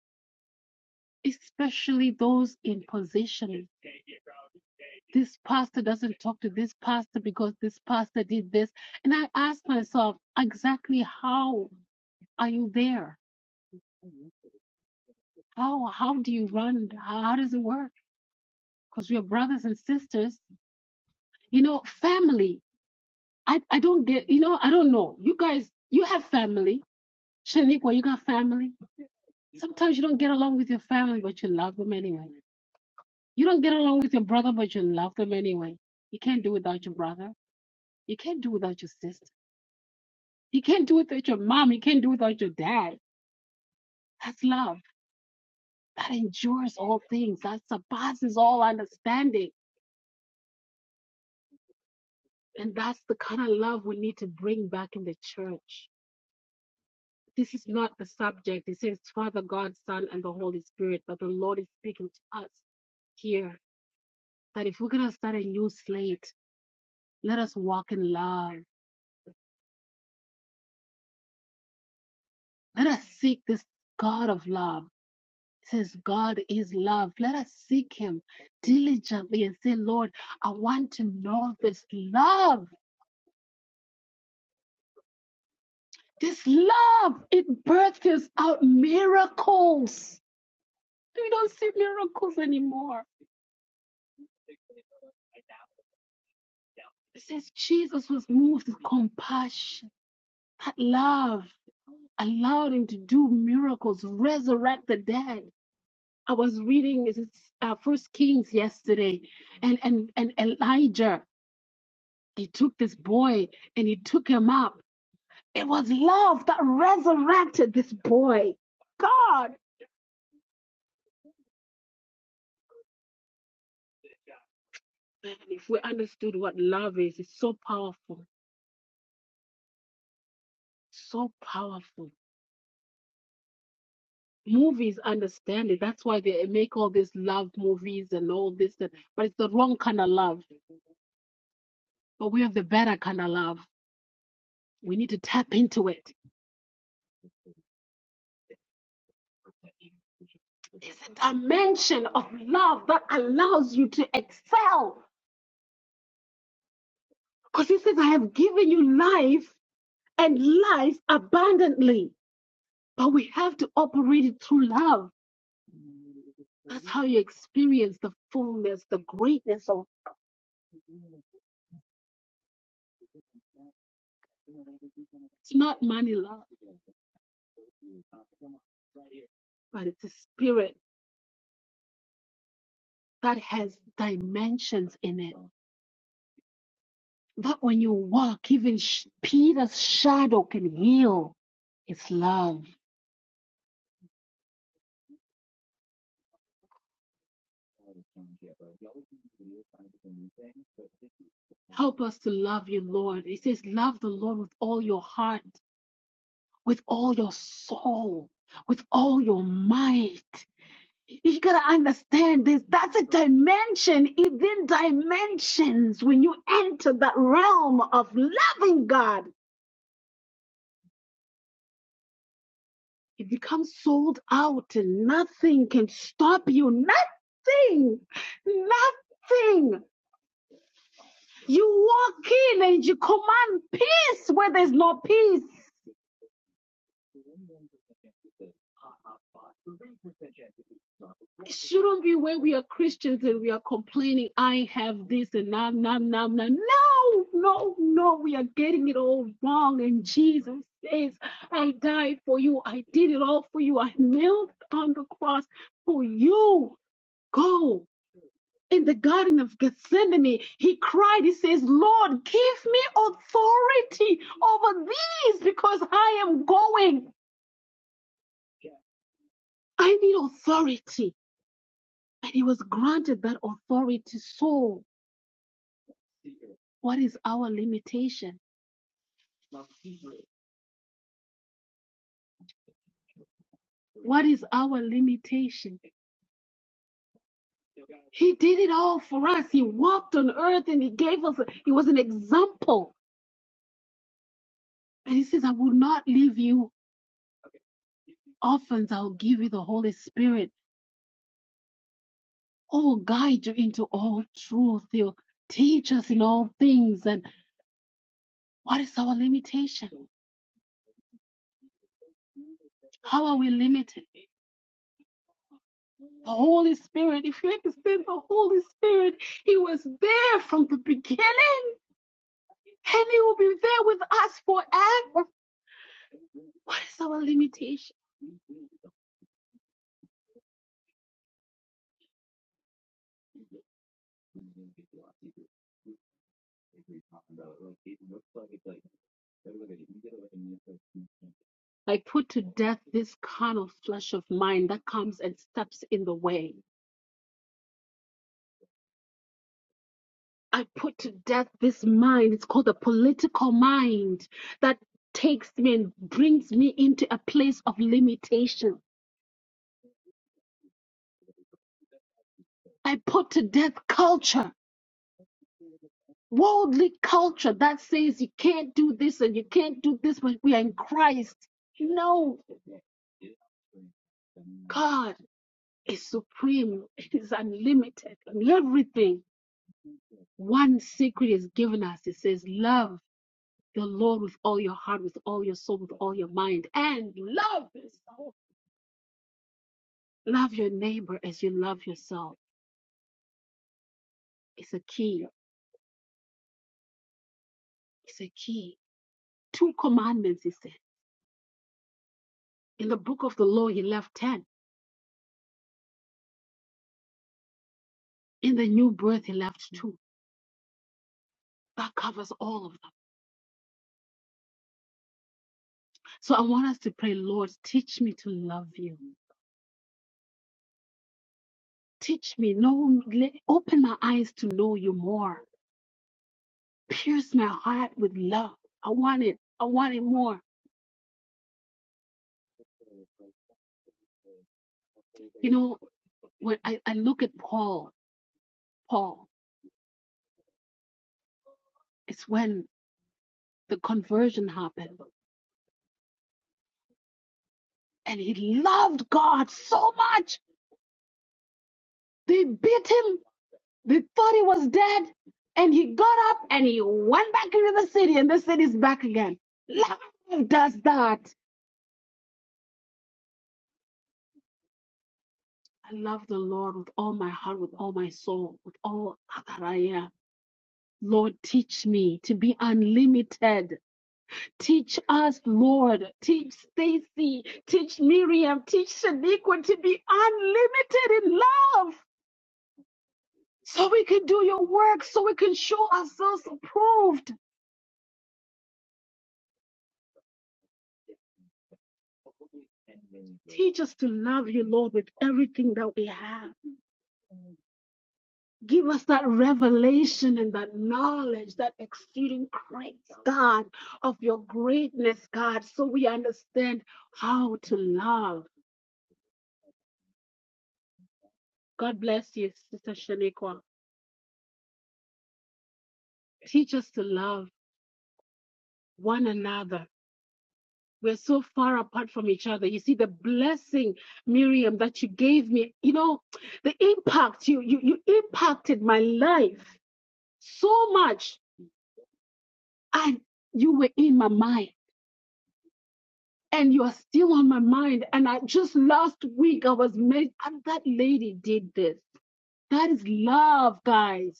Speaker 1: especially those in position. This pastor doesn't talk to this pastor because this pastor did this. And I ask myself, exactly how are you there? How how do you run? How, how does it work? Because we are brothers and sisters. You know, family. I, I don't get you know, I don't know. You guys you have family. Shaniqua, you got family. Sometimes you don't get along with your family, but you love them anyway. You don't get along with your brother, but you love them anyway. You can't do without your brother You can't do without your sister. You can't do without your mom. You can't do without your dad. That's love. That endures all things. That surpasses all understanding. And that's the kind of love we need to bring back in the church. This is not the subject. It says Father, God, Son, and the Holy Spirit. But the Lord is speaking to us here that if we're going to start a new slate, let us walk in love. Let us seek this God of love. says God is love. Let us seek Him diligently and say, Lord, I want to know this love. This love, it births out miracles. We don't see miracles anymore. It says Jesus was moved with compassion. That love allowed him to do miracles, resurrect the dead. I was reading is it, uh, First Kings yesterday, and, and, and Elijah. He took this boy and he took him up. It was love that resurrected this boy. God, man, if we understood what love is, it's so powerful, so powerful. Movies understand it. That's why they make all these love movies and all this, but it's the wrong kind of love. But we have the better kind of love. We need to tap into it. There's a dimension of love that allows you to excel. Because he says, I have given you life and life abundantly. But we have to operate it through love. That's how you experience the fullness, the greatness of it's not money love, but it's a spirit that has dimensions in it. That when you walk, even Peter's shadow can heal. It's love. Help us to love you, Lord. It says, Love the Lord with all your heart, with all your soul, with all your might. You gotta understand this. That's a dimension within dimensions. When you enter that realm of loving God, it becomes sold out. and Nothing can stop you. Nothing. Nothing. You walk in and you command peace where there's no peace. It shouldn't be when we are Christians and we are complaining, I have this and now, now, now, now. No, no, no, we are getting it all wrong. And Jesus says, I died for you. I did it all for you. I knelt on the cross for you. Go. In the Garden of Gethsemane, he cried, he says, Lord, give me authority over these because I am going. I need authority. And he was granted that authority. So, what is our limitation? What is our limitation? He did it all for us. He walked on earth and he gave us, he was an example. And he says, I will not leave you orphans. I'll give you the Holy Spirit. Oh, guide you into all truth. He'll teach us in all things. And what is our limitation? How are we limited? The Holy Spirit, if you understand the Holy Spirit, He was there from the beginning. and he will be there with us forever. What is our limitation? I put to death this carnal flesh of mine that comes and steps in the way. I put to death this mind, it's called the political mind, that takes me and brings me into a place of limitation. I put to death culture, worldly culture that says you can't do this and you can't do this, but we are in Christ. No, God. is supreme, it is unlimited. And everything, one secret is given us. It says, Love the Lord with all your heart, with all your soul, with all your mind, and love yourself. Love your neighbor as you love yourself. It's a key. It's a key. Two commandments, he said. In the book of the law, he left 10. In the new birth, he left two. That covers all of them. So I want us to pray, Lord, teach me to love you. Teach me, know, le- open my eyes to know you more pierce my heart with love. I want it. I want it more. You know, when I, I look at Paul, Paul, it's when the conversion happened. And he loved God so much. They beat him. They thought he was dead. And he got up and he went back into the city, and the city's back again. Love does that. I love the Lord with all my heart, with all my soul, with all that I am. Lord, teach me to be unlimited Teach us, Lord. Teach Stacy. Teach Miriam. Teach Shaniqua to be unlimited in love so we can do your work, so we can show ourselves approved. Teach us to love you, Lord, with everything that we have. Give us that revelation and that knowledge, that exceeding grace, God, of your greatness, God, so we understand how to love. God bless you, Sister Shaniqua. Teach us to love. one another. We're so far apart from each other. You see the blessing, Miriam, that you gave me. You know, the impact you you you impacted my life so much, and you were in my mind, and you are still on my mind. And I just last week I was made, and that lady did this. That is love, guys.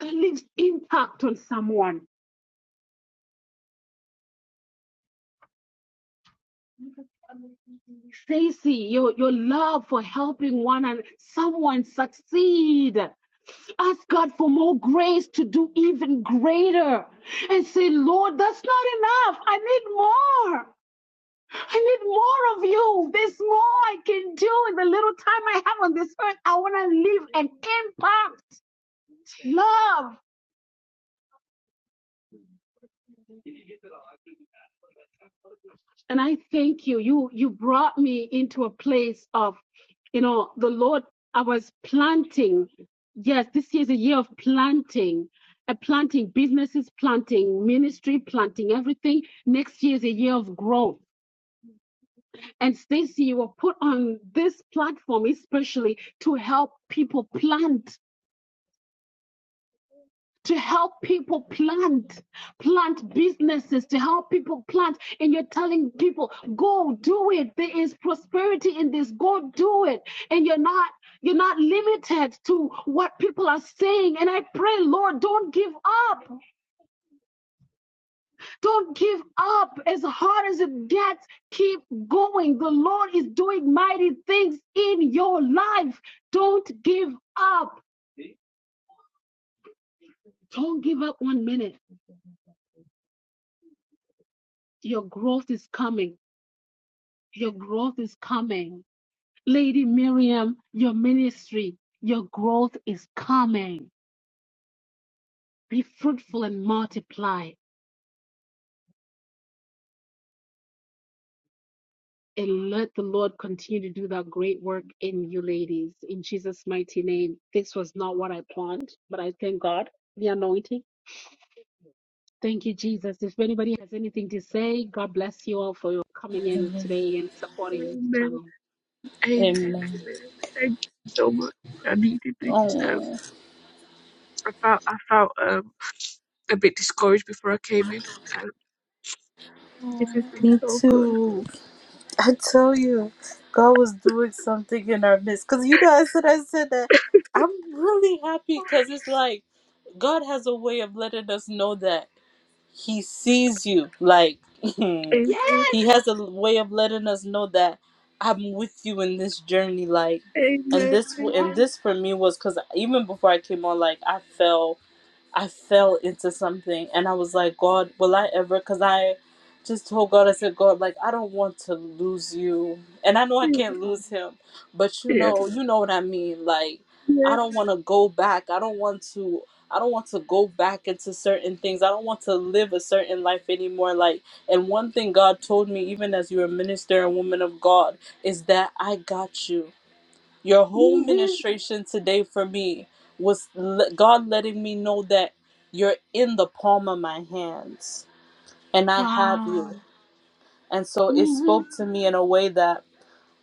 Speaker 1: That leaves impact on someone. Stacy, your your love for helping one and someone succeed. Ask God for more grace to do even greater and say, Lord, that's not enough. I need more. I need more of you. There's more I can do in the little time I have on this earth. I want to live an impact love. and I thank you. You you brought me into a place of, you know, the Lord. I was planting. Yes, this is a year of planting. A planting businesses, planting ministry, planting everything. Next year is a year of growth. And Stacy, you were put on this platform especially to help people plant to help people plant, plant businesses, to help people plant. And you're telling people, go do it. There is prosperity in this. Go do it. And you're not. You're not limited to what people are saying. And I pray, Lord, don't give up. Don't give up. As hard as it gets, keep going. The Lord is doing mighty things in your life. Don't give up. Don't give up one minute. Your growth is coming Your growth is coming. Lady Miriam, your ministry, your growth is coming. Be fruitful and multiply. And let the Lord continue to do that great work in you, ladies. In Jesus' mighty name. This was not what I planned, but I thank God, the anointing. Thank you, Jesus. If anybody has anything to say, God bless you all for your coming in today and supporting the
Speaker 2: Amen.
Speaker 1: channel.
Speaker 2: Amen,
Speaker 3: Amen.
Speaker 2: amen. Thank you so much. I needed this. Um,
Speaker 3: Oh,
Speaker 2: I felt I felt um a bit discouraged before I came in. Um, this has
Speaker 1: Oh,
Speaker 2: been
Speaker 3: me
Speaker 2: so good.
Speaker 3: too. I tell you, God was doing something in our midst. Cause you know, I said I said that I'm really happy because it's like God has a way of letting us know that He sees you. Like
Speaker 2: Amen,
Speaker 1: yeah.
Speaker 3: He has a way of letting us know that I'm with you in this journey. Like, and
Speaker 2: amen,
Speaker 3: this and
Speaker 1: yeah.
Speaker 2: amen.
Speaker 3: this for me was because even before I came on, like I fell I fell into something and I was like, God, will I ever? Because I just told God, I said, God, like, I don't want to lose you. And I know I
Speaker 2: Yeah,
Speaker 3: can't lose him, but you
Speaker 2: yeah,
Speaker 3: know, you know what I mean. Like, I
Speaker 2: yeah.
Speaker 3: don't want to go back. I don't want to. I don't want to go back into certain things. I don't want to live a certain life anymore. Like, and one thing God told me, even as you're a minister and woman of God, is that I got you. Your whole
Speaker 1: Mhm.
Speaker 3: ministration today for me was le- God letting me know that you're in the palm of my hands and I have you.
Speaker 1: Wow.
Speaker 3: And so it
Speaker 1: hmm
Speaker 3: spoke to me in a way that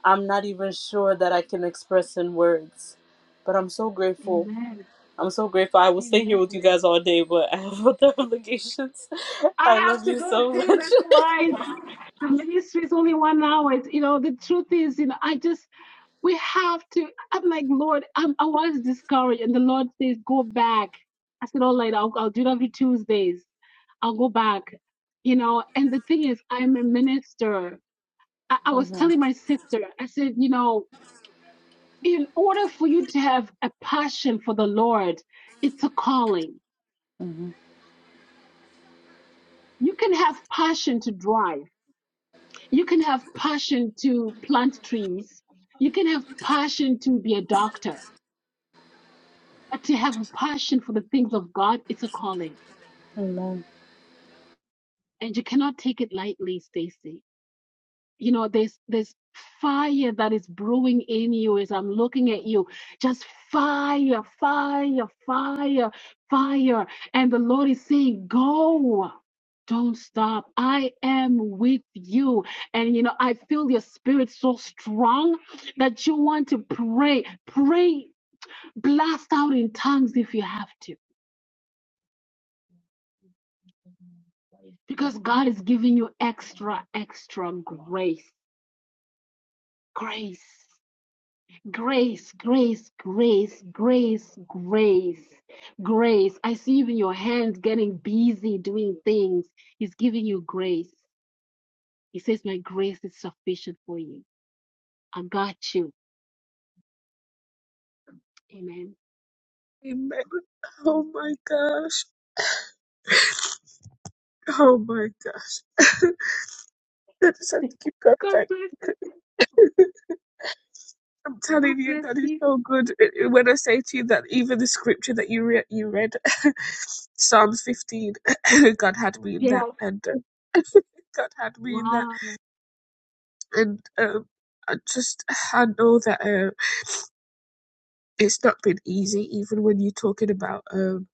Speaker 3: I'm not even sure that I can express in words. But I'm so grateful.
Speaker 1: Amen.
Speaker 3: I'm so grateful. I will stay here with
Speaker 1: Amen.
Speaker 3: you guys all day, but I have other obligations. I
Speaker 1: I have
Speaker 3: love
Speaker 1: to
Speaker 3: you
Speaker 1: go
Speaker 3: so
Speaker 1: too.
Speaker 3: much.
Speaker 1: That's why the ministry is only one hour. It's, you know, the truth is, you know, I just we have to. I'm like, Lord, I'm, I was discouraged, and the Lord says, go back. I said, all right, I'll, I'll do it every Tuesdays. I'll go back. You know, and the thing is, I'm a minister. I, I was
Speaker 3: hmm
Speaker 1: telling my sister, I said, you know, in order for you to have a passion for the Lord, it's a calling.
Speaker 3: hmm
Speaker 1: You can have passion to drive You can have passion to plant trees. You can have passion to be a doctor. But to have a passion for the things of God, it's a calling.
Speaker 3: Amen.
Speaker 1: And you cannot take it lightly, Stacy. you know there's there's fire that is brewing in you as i'm looking at you just fire fire fire fire and the lord is saying go don't stop i am with you and you know i feel your spirit so strong that you want to pray pray blast out in tongues if you have to because god is giving you extra extra grace grace Grace, grace, grace, grace, grace, grace. I see even your hands getting busy doing things. He's giving you grace. He says, My grace is sufficient for you. I got you. Amen.
Speaker 2: Amen. Oh my gosh. Oh my gosh. I just have to keep going
Speaker 1: God bless you.
Speaker 2: back. I'm
Speaker 1: God
Speaker 2: telling you,
Speaker 1: bless
Speaker 2: that is
Speaker 1: you.
Speaker 2: so good. It- it- When I say to you that even the scripture that you re- you read, Psalms 15, God had me in
Speaker 1: Yeah.
Speaker 2: that, and uh, God had me in that,
Speaker 1: Wow.
Speaker 2: and um, I just I know that uh, it's not been easy, even when you're talking about um,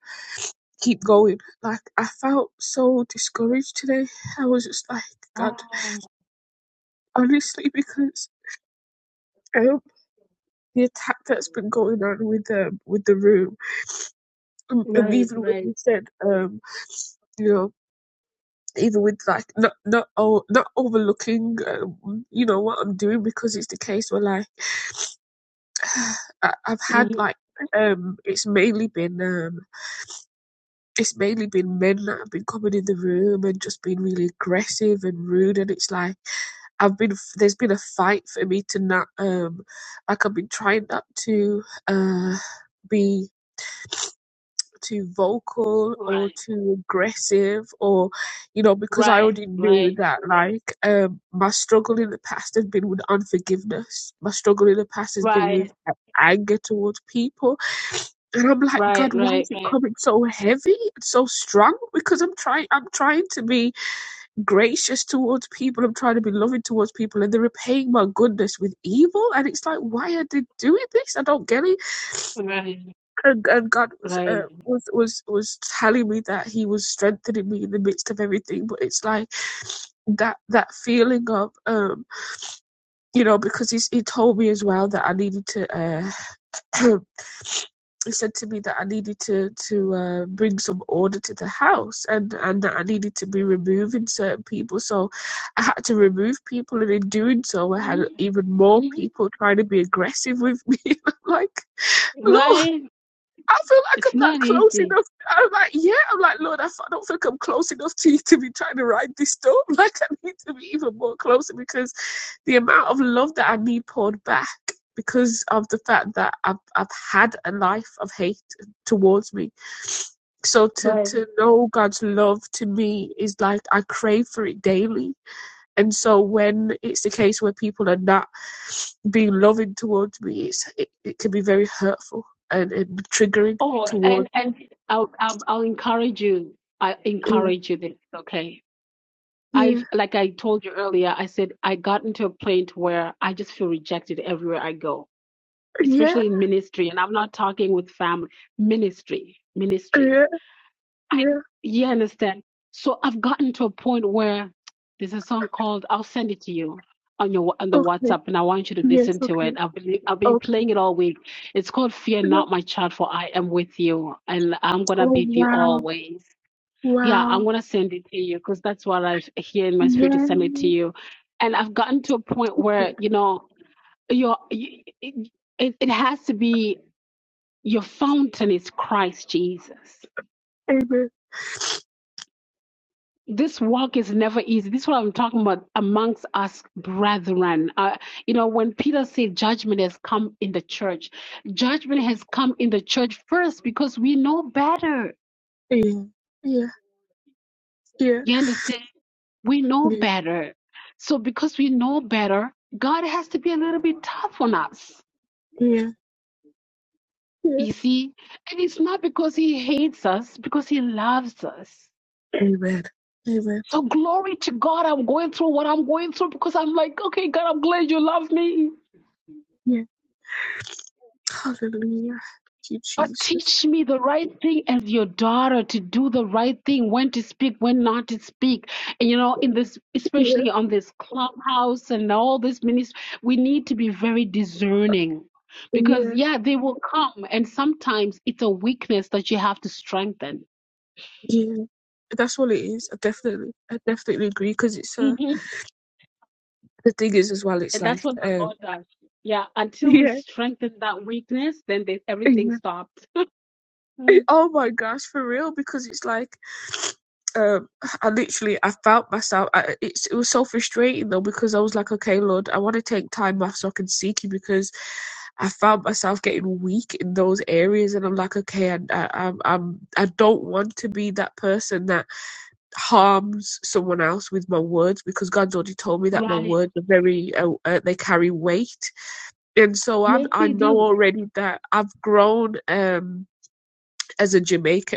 Speaker 2: keep going. Like I felt so discouraged today. I was just like, God,
Speaker 1: wow.
Speaker 2: honestly, because um, the attack that's been going on with um, with the room. Um, and
Speaker 1: Right,
Speaker 2: even when
Speaker 1: right.
Speaker 2: you said, um, you know, even with like not not o- not overlooking, um, you know, what I'm doing because it's the case where like I, I've had
Speaker 1: Mhm.
Speaker 2: like um, it's mainly been um, it's mainly been men that have been coming in the room and just being really aggressive and rude, and it's like. I've been there's been a fight for me to not um like I've been trying not to uh be too vocal or
Speaker 1: Right,
Speaker 2: too aggressive or you know because i
Speaker 1: right,
Speaker 2: already knew
Speaker 1: right,
Speaker 2: that like um my struggle in the past has been with unforgiveness my struggle in the past has been
Speaker 1: right,
Speaker 2: with a- anger towards people and i'm like god
Speaker 1: right, right,
Speaker 2: why is it coming so heavy and so strong because i'm trying i'm trying to be gracious towards people i'm trying to be loving towards people and they're repaying my goodness with evil and it's like why are they doing this i don't get it
Speaker 1: right, right,
Speaker 2: and, and God was, uh,
Speaker 1: right.
Speaker 2: was was was telling me that He was strengthening me in the midst of everything. But it's like that that feeling of um, you know, because he's, He told me as well that I needed to. Uh, He said to me that I needed to to uh, bring some order to the house, and and that I needed to be removing certain people. So I had to remove people, and in doing so, I had
Speaker 1: Mhm,
Speaker 2: even more
Speaker 1: mhm.
Speaker 2: people trying to be aggressive with me. I'm like, Lord.
Speaker 1: Right.
Speaker 2: I feel like
Speaker 1: It's
Speaker 2: I'm not
Speaker 1: not
Speaker 2: close
Speaker 1: easy.
Speaker 2: enough. I'm like, yeah, I'm like, Lord, I f- I don't think I'm close enough to you to be trying to ride this storm. Like, I need to be even more closer because the amount of love that I need poured back because of the fact that I've, I've had a life of hate towards me. So to,
Speaker 1: Right.
Speaker 2: to know God's love to me is like, I crave for it daily. And so when it's the case where people are not being loving towards me, it's, it, it can be very hurtful and, and triggering
Speaker 1: Oh,
Speaker 2: towards
Speaker 1: and and I'll I'll, I'll encourage you. I
Speaker 2: Yeah,
Speaker 1: encourage you this, okay? I
Speaker 2: yeah,
Speaker 1: like I told you earlier. I said I got into a point where I just feel rejected everywhere I go,
Speaker 2: yeah,
Speaker 1: especially in ministry. And I'm not talking with family, ministry, ministry.
Speaker 2: yeah,
Speaker 1: I
Speaker 2: yeah.
Speaker 1: you understand. So I've gotten to a point where there's a song called "I'll Send It to You" on your on the
Speaker 2: Okay.
Speaker 1: WhatsApp, and I want you to
Speaker 2: Yes,
Speaker 1: listen to
Speaker 2: okay.
Speaker 1: it. I've been I've been
Speaker 2: Okay.
Speaker 1: playing it all week. It's called "Fear
Speaker 2: Yeah.
Speaker 1: Not, My Child, for I Am with You, and I'm gonna
Speaker 2: Oh,
Speaker 1: be with you
Speaker 2: wow.
Speaker 1: always." Yeah, I'm
Speaker 2: Wow.
Speaker 1: gonna send it to you because that's what I hear in my
Speaker 2: Yeah.
Speaker 1: spirit to send it to you. And I've gotten to a point where you know your it it has to be your fountain is Christ Jesus
Speaker 2: Amen.
Speaker 1: this walk is never easy. This is what I'm talking about amongst us brethren. Uh, you know, when Peter said judgment has come in the church, judgment has come in the church first because we know better.
Speaker 2: Yeah. Yeah. Yeah.
Speaker 1: You understand? We know
Speaker 2: Yeah.
Speaker 1: better. So because we know better, God has to be a little bit tough on us.
Speaker 2: Yeah. Yeah.
Speaker 1: You see? And it's not because he hates us, because he loves us.
Speaker 2: Amen. Amen.
Speaker 1: So glory to God, I'm going through what I'm going through because I'm like, okay, God, I'm glad you love me.
Speaker 2: Yeah. Hallelujah. Thank you,
Speaker 1: God,
Speaker 2: Jesus.
Speaker 1: teach me the right thing as your daughter to do the right thing, when to speak, when not to speak. And, you know, in this,
Speaker 2: Yeah.
Speaker 1: especially on this clubhouse and all this ministry, we need to be very discerning because,
Speaker 2: Yeah.
Speaker 1: yeah, they will come. And sometimes it's a weakness that you have to strengthen.
Speaker 2: Yeah. That's all it is. I definitely, I definitely agree because it's, uh,
Speaker 1: Mhm.
Speaker 2: the thing is as well, it's
Speaker 1: And
Speaker 2: like,
Speaker 1: that's what the
Speaker 2: um,
Speaker 1: Lord does. Yeah. Until we
Speaker 2: yeah.
Speaker 1: strengthen that weakness, then they,
Speaker 2: Yeah.
Speaker 1: everything stops. Mm,
Speaker 2: Oh my gosh, for real, because it's like um, I literally I felt myself. I, it's, it was so frustrating though because I was like, okay, Lord, I want to take time off so I can seek you because I found myself getting weak in those areas, and I'm like, okay, I, I, I'm, I'm, I don't want to be that person that harms someone else with my words because God's already told me that my
Speaker 1: Right.
Speaker 2: words are very, uh, uh, they carry weight, and so I,
Speaker 1: Yes,
Speaker 2: I
Speaker 1: they
Speaker 2: know
Speaker 1: do.
Speaker 2: already that I've grown um, as a Jamaican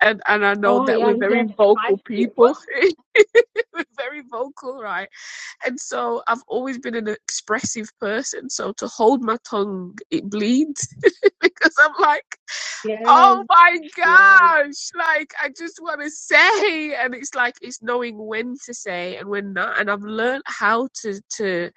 Speaker 2: and and I know
Speaker 1: Oh,
Speaker 2: that
Speaker 1: yeah.
Speaker 2: we're
Speaker 1: You guys
Speaker 2: very vocal
Speaker 1: fight me.
Speaker 2: people. we're very vocal, right? And so I've always been an expressive person. So to hold my tongue, it bleeds because I'm like,
Speaker 1: Yes.
Speaker 2: oh my
Speaker 1: Yes.
Speaker 2: gosh, like I just want to say, and it's like it's knowing when to say and when not. And I've learned how to to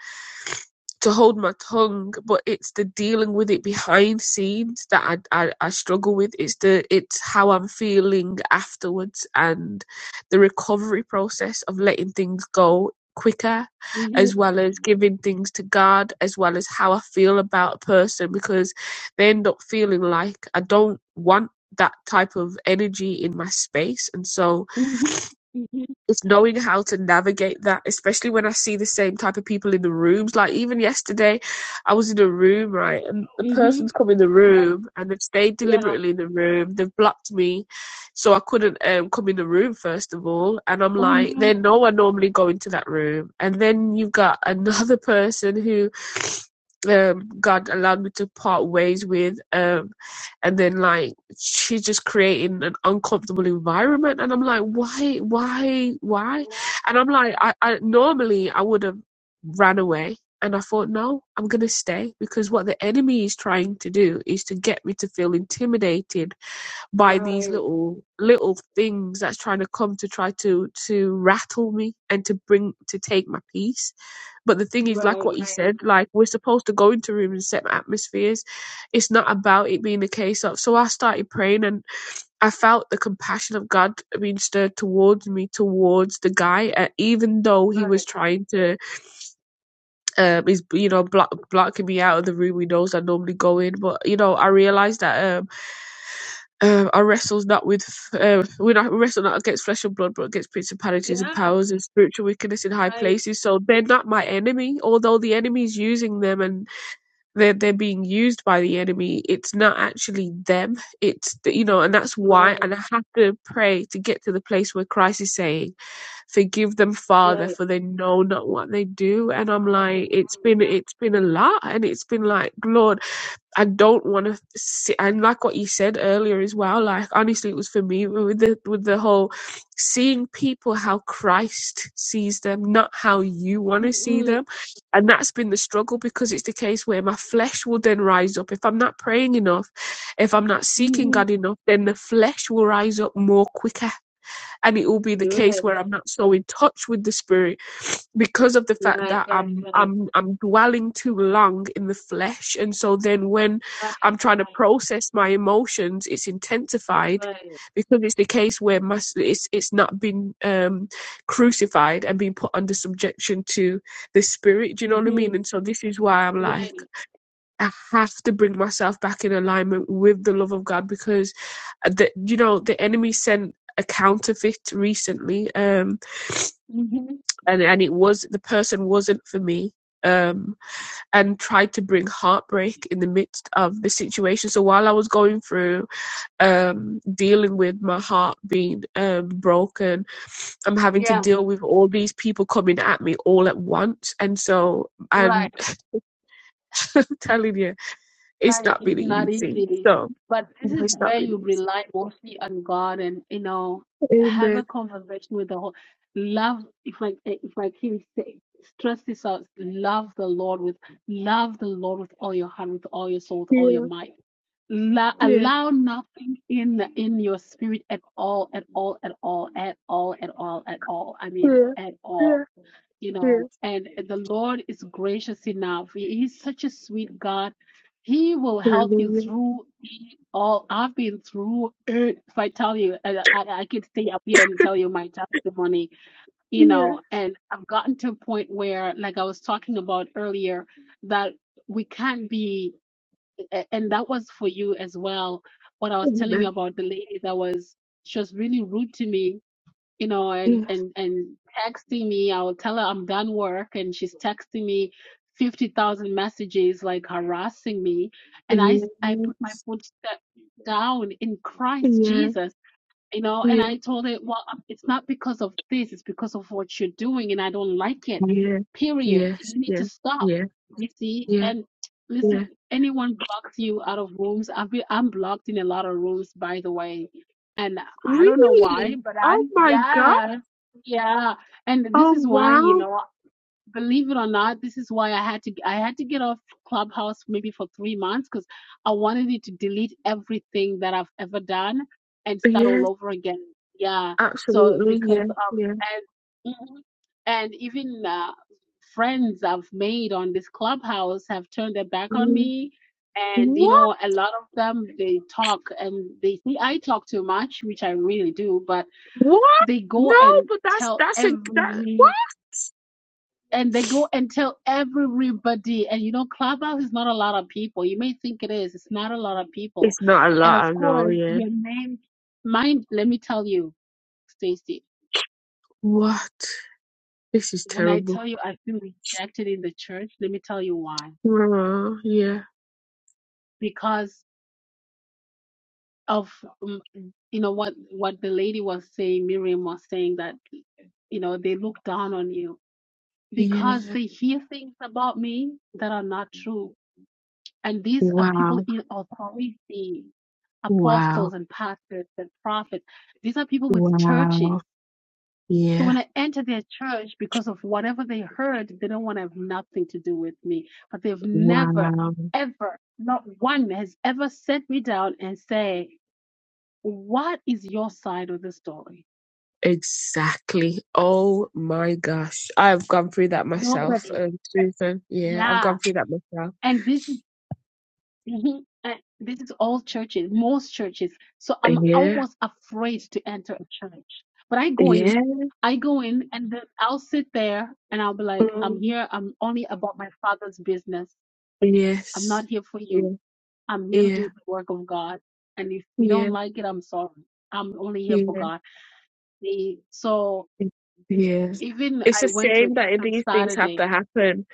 Speaker 2: to hold my tongue, but it's the dealing with it behind scenes that I, I, I struggle with. It's the it's how I'm feeling afterwards and the recovery process of letting things go quicker,
Speaker 1: Mhm,
Speaker 2: as well as giving things to God, as well as how I feel about a person because they end up feeling like I don't want that type of energy in my space, and so
Speaker 1: mhm, mhm,
Speaker 2: it's knowing how to navigate that, especially when I see the same type of people in the rooms. Like even yesterday, I was in a room, right, and the
Speaker 1: mhm.
Speaker 2: person's come in the
Speaker 1: But
Speaker 2: room and they've stayed
Speaker 1: yeah,
Speaker 2: deliberately in the room. They've blocked me, so I couldn't um, come in the room first of all. And I'm
Speaker 1: oh
Speaker 2: like, they
Speaker 1: no,
Speaker 2: know I normally go into that room, and then you've got another person who. Um, God allowed me to part ways with, um, and then like she's just creating an uncomfortable environment and i'm like why why why and i'm like i, I normally i would have ran away and i thought no i'm going to stay because what the enemy is trying to do is to get me to feel intimidated by
Speaker 1: wow,
Speaker 2: these
Speaker 1: right,
Speaker 2: little little things that's trying to come to try to to rattle me and to bring to take my peace but the thing is like
Speaker 1: right,
Speaker 2: what you said
Speaker 1: right,
Speaker 2: like we're supposed to go into rooms and set atmospheres it's not about it being a case of so i started praying and i felt the compassion of god being stirred towards me towards the guy uh, even though he
Speaker 1: right,
Speaker 2: was
Speaker 1: right,
Speaker 2: trying to um is you know block blocking me out of the room he knows i normally go in but you know i realized that um, um, I wrestle not with uh, we not wrestle not against flesh and blood, but against principalities
Speaker 1: yeah,
Speaker 2: and powers and spiritual wickedness in high
Speaker 1: right,
Speaker 2: places. So they're not my enemy, although the enemy's using them and they're they're being used by the enemy. It's not actually them. It's the- you know, and that's
Speaker 1: right,
Speaker 2: why. And I have to pray to get to the place where Christ is saying, "Forgive them, Father,
Speaker 1: right.
Speaker 2: for they know not what they
Speaker 1: You
Speaker 2: do."
Speaker 1: know
Speaker 2: And I'm
Speaker 1: what what they
Speaker 2: like, it's
Speaker 1: do,
Speaker 2: been
Speaker 1: yeah.
Speaker 2: it's been a lot, and it's been like, Lord. I don't want to see, and like what you said earlier as well. Like honestly, it was for me with the with the whole seeing people how Christ sees them, not how you want to see
Speaker 1: Mhm,
Speaker 2: them, and that's been the struggle because it's the case where my flesh will then rise up if I'm not praying enough, if I'm not seeking God
Speaker 1: mhm.
Speaker 2: enough, then the flesh will rise up more quicker, and it will be the
Speaker 1: You're
Speaker 2: case
Speaker 1: right,
Speaker 2: where I'm
Speaker 1: right,
Speaker 2: not so in touch with the Spirit because of the fact
Speaker 1: right,
Speaker 2: that
Speaker 1: right,
Speaker 2: I'm
Speaker 1: right,
Speaker 2: I'm I'm dwelling too long in the flesh, and so then when
Speaker 1: right,
Speaker 2: I'm trying to
Speaker 1: right,
Speaker 2: process my emotions, it's intensified
Speaker 1: right.
Speaker 2: because it's the case where my,
Speaker 1: Mhm,
Speaker 2: it's it's not been um, crucified and being put under subjection to the spirit. Do you know what I mean?
Speaker 1: mhm,
Speaker 2: And so this is why I'm like
Speaker 1: right.
Speaker 2: I have to bring myself back in alignment with the love of God because uh, the you know the enemy sent a counterfeit recently. Um,
Speaker 1: Mhm.
Speaker 2: and and it was the person wasn't for me um and tried to bring heartbreak in the midst of the situation so while i was going through um dealing with my heart being um broken i'm having to
Speaker 1: Yeah,
Speaker 2: deal with all these people coming at me all at once and so
Speaker 1: right.
Speaker 2: i'm telling you it's
Speaker 1: Right,
Speaker 2: not been
Speaker 1: it's not
Speaker 2: easy
Speaker 1: easy.
Speaker 2: so
Speaker 1: But this
Speaker 2: no,
Speaker 1: is
Speaker 2: it's not
Speaker 1: where
Speaker 2: been
Speaker 1: you
Speaker 2: easy
Speaker 1: rely mostly on God and, you know, have a
Speaker 2: amen
Speaker 1: conversation with the whole love if I if I can say stress this out, love the Lord with love the Lord with all your heart, with all your soul, with all your
Speaker 2: yeah
Speaker 1: mind. La
Speaker 2: yeah
Speaker 1: allow nothing in in your spirit at all, at all, at all, at all, at all, at all. I mean
Speaker 2: yeah
Speaker 1: at all
Speaker 2: yeah
Speaker 1: you
Speaker 2: yeah
Speaker 1: know, and the Lord is gracious enough. He- He's such a sweet God. He will help you
Speaker 2: hallelujah
Speaker 1: through it all. I've been through it. If I tell you, I, I, I could stay up here and tell you my testimony, you
Speaker 2: yeah
Speaker 1: know, and I've gotten to a point where, like I was talking about earlier, that we can't be, and that was for you as well. What I was telling you
Speaker 2: amen
Speaker 1: about the lady that was, she was really rude to me you know, and
Speaker 2: yeah
Speaker 1: and and texting me. I will tell her I'm done work, and she's texting me fifty thousand messages, like harassing me. And I I
Speaker 2: yeah
Speaker 1: put my foot step down in Christ
Speaker 2: Yeah,
Speaker 1: Jesus you know and
Speaker 2: yeah,
Speaker 1: i told it well um, it's not because of this it's because of what you're doing and i don't like it
Speaker 2: yeah,
Speaker 1: period
Speaker 2: yes,
Speaker 1: you need
Speaker 2: yeah,
Speaker 1: to stop
Speaker 2: yeah,
Speaker 1: you see
Speaker 2: yeah,
Speaker 1: and listen
Speaker 2: yeah.
Speaker 1: anyone blocks you out of rooms i've been i'm blocked in a lot of rooms by the way and i don't know why
Speaker 2: Really?
Speaker 1: but i
Speaker 2: Oh my God.
Speaker 1: yeah yeah and this
Speaker 2: Oh
Speaker 1: is why you
Speaker 2: wow.
Speaker 1: know believe it or not, this is why I had to I had to get off Clubhouse maybe for three months because I wanted it to delete everything that I've ever done and start all
Speaker 2: Yes,
Speaker 1: over again. Yeah. So
Speaker 2: absolutely.
Speaker 1: because
Speaker 2: Yeah,
Speaker 1: of
Speaker 2: yeah.
Speaker 1: and Mhm. and even uh, friends I've made on this Clubhouse have turned their back on
Speaker 2: Mm.
Speaker 1: me. And you
Speaker 2: What?
Speaker 1: know, a lot of them they talk and they see I talk too much, which I really do, but
Speaker 2: What?
Speaker 1: they go
Speaker 2: No,
Speaker 1: and
Speaker 2: but that's
Speaker 1: tell
Speaker 2: that's a that
Speaker 1: every
Speaker 2: what?
Speaker 1: and they go and tell everybody. And you know, Clubhouse is not a lot of people. You may think it is. It's not a lot of people.
Speaker 2: It's not a
Speaker 1: And
Speaker 2: lot, I
Speaker 1: of
Speaker 2: know,
Speaker 1: course,
Speaker 2: yeah.
Speaker 1: your name, mine. Let me tell you, Stacy.
Speaker 2: What? This is
Speaker 1: When I tell
Speaker 2: terrible.
Speaker 1: you I feel rejected in the church, let me tell you why.
Speaker 2: Oh, yeah,
Speaker 1: Because of um, you know what what the lady was saying, Miriam was saying that you know they look down on you
Speaker 2: yeah.
Speaker 1: because they hear things about me that are not true And these are people
Speaker 2: Wow.
Speaker 1: in authority,
Speaker 2: Wow.
Speaker 1: apostles and pastors and prophets. These are people with
Speaker 2: Wow.
Speaker 1: churches. So when
Speaker 2: Yeah.
Speaker 1: I enter their church, because of whatever they heard, they don't want to have nothing to do with me. But they've never,
Speaker 2: Wow.
Speaker 1: ever, not one has ever set me down and say, what is your side of the story?
Speaker 2: Exactly. Oh my gosh. I've gone through that myself,
Speaker 1: Nobody.
Speaker 2: um, Susan. Yeah, I've gone
Speaker 1: Yeah.
Speaker 2: through that myself.
Speaker 1: And this is Mhm. Uh, this is all churches, most churches. So I'm
Speaker 2: Yeah.
Speaker 1: almost afraid to enter a church. But I go
Speaker 2: Yeah.
Speaker 1: in, I go in, and then I'll sit there and I'll be like, I'm
Speaker 2: Mm,
Speaker 1: here, I'm only about my father's business. I'm
Speaker 2: yes.
Speaker 1: not here for
Speaker 2: Yeah.
Speaker 1: you. I'm here to
Speaker 2: Yeah.
Speaker 1: do the work of God. And if you
Speaker 2: Yeah.
Speaker 1: don't like it, I'm sorry. I'm only here for
Speaker 2: Yeah.
Speaker 1: God. The, so
Speaker 2: Yeah.
Speaker 1: even
Speaker 2: It's a
Speaker 1: I went to a
Speaker 2: shame
Speaker 1: church
Speaker 2: that
Speaker 1: on
Speaker 2: these things have
Speaker 1: Saturday.
Speaker 2: to happen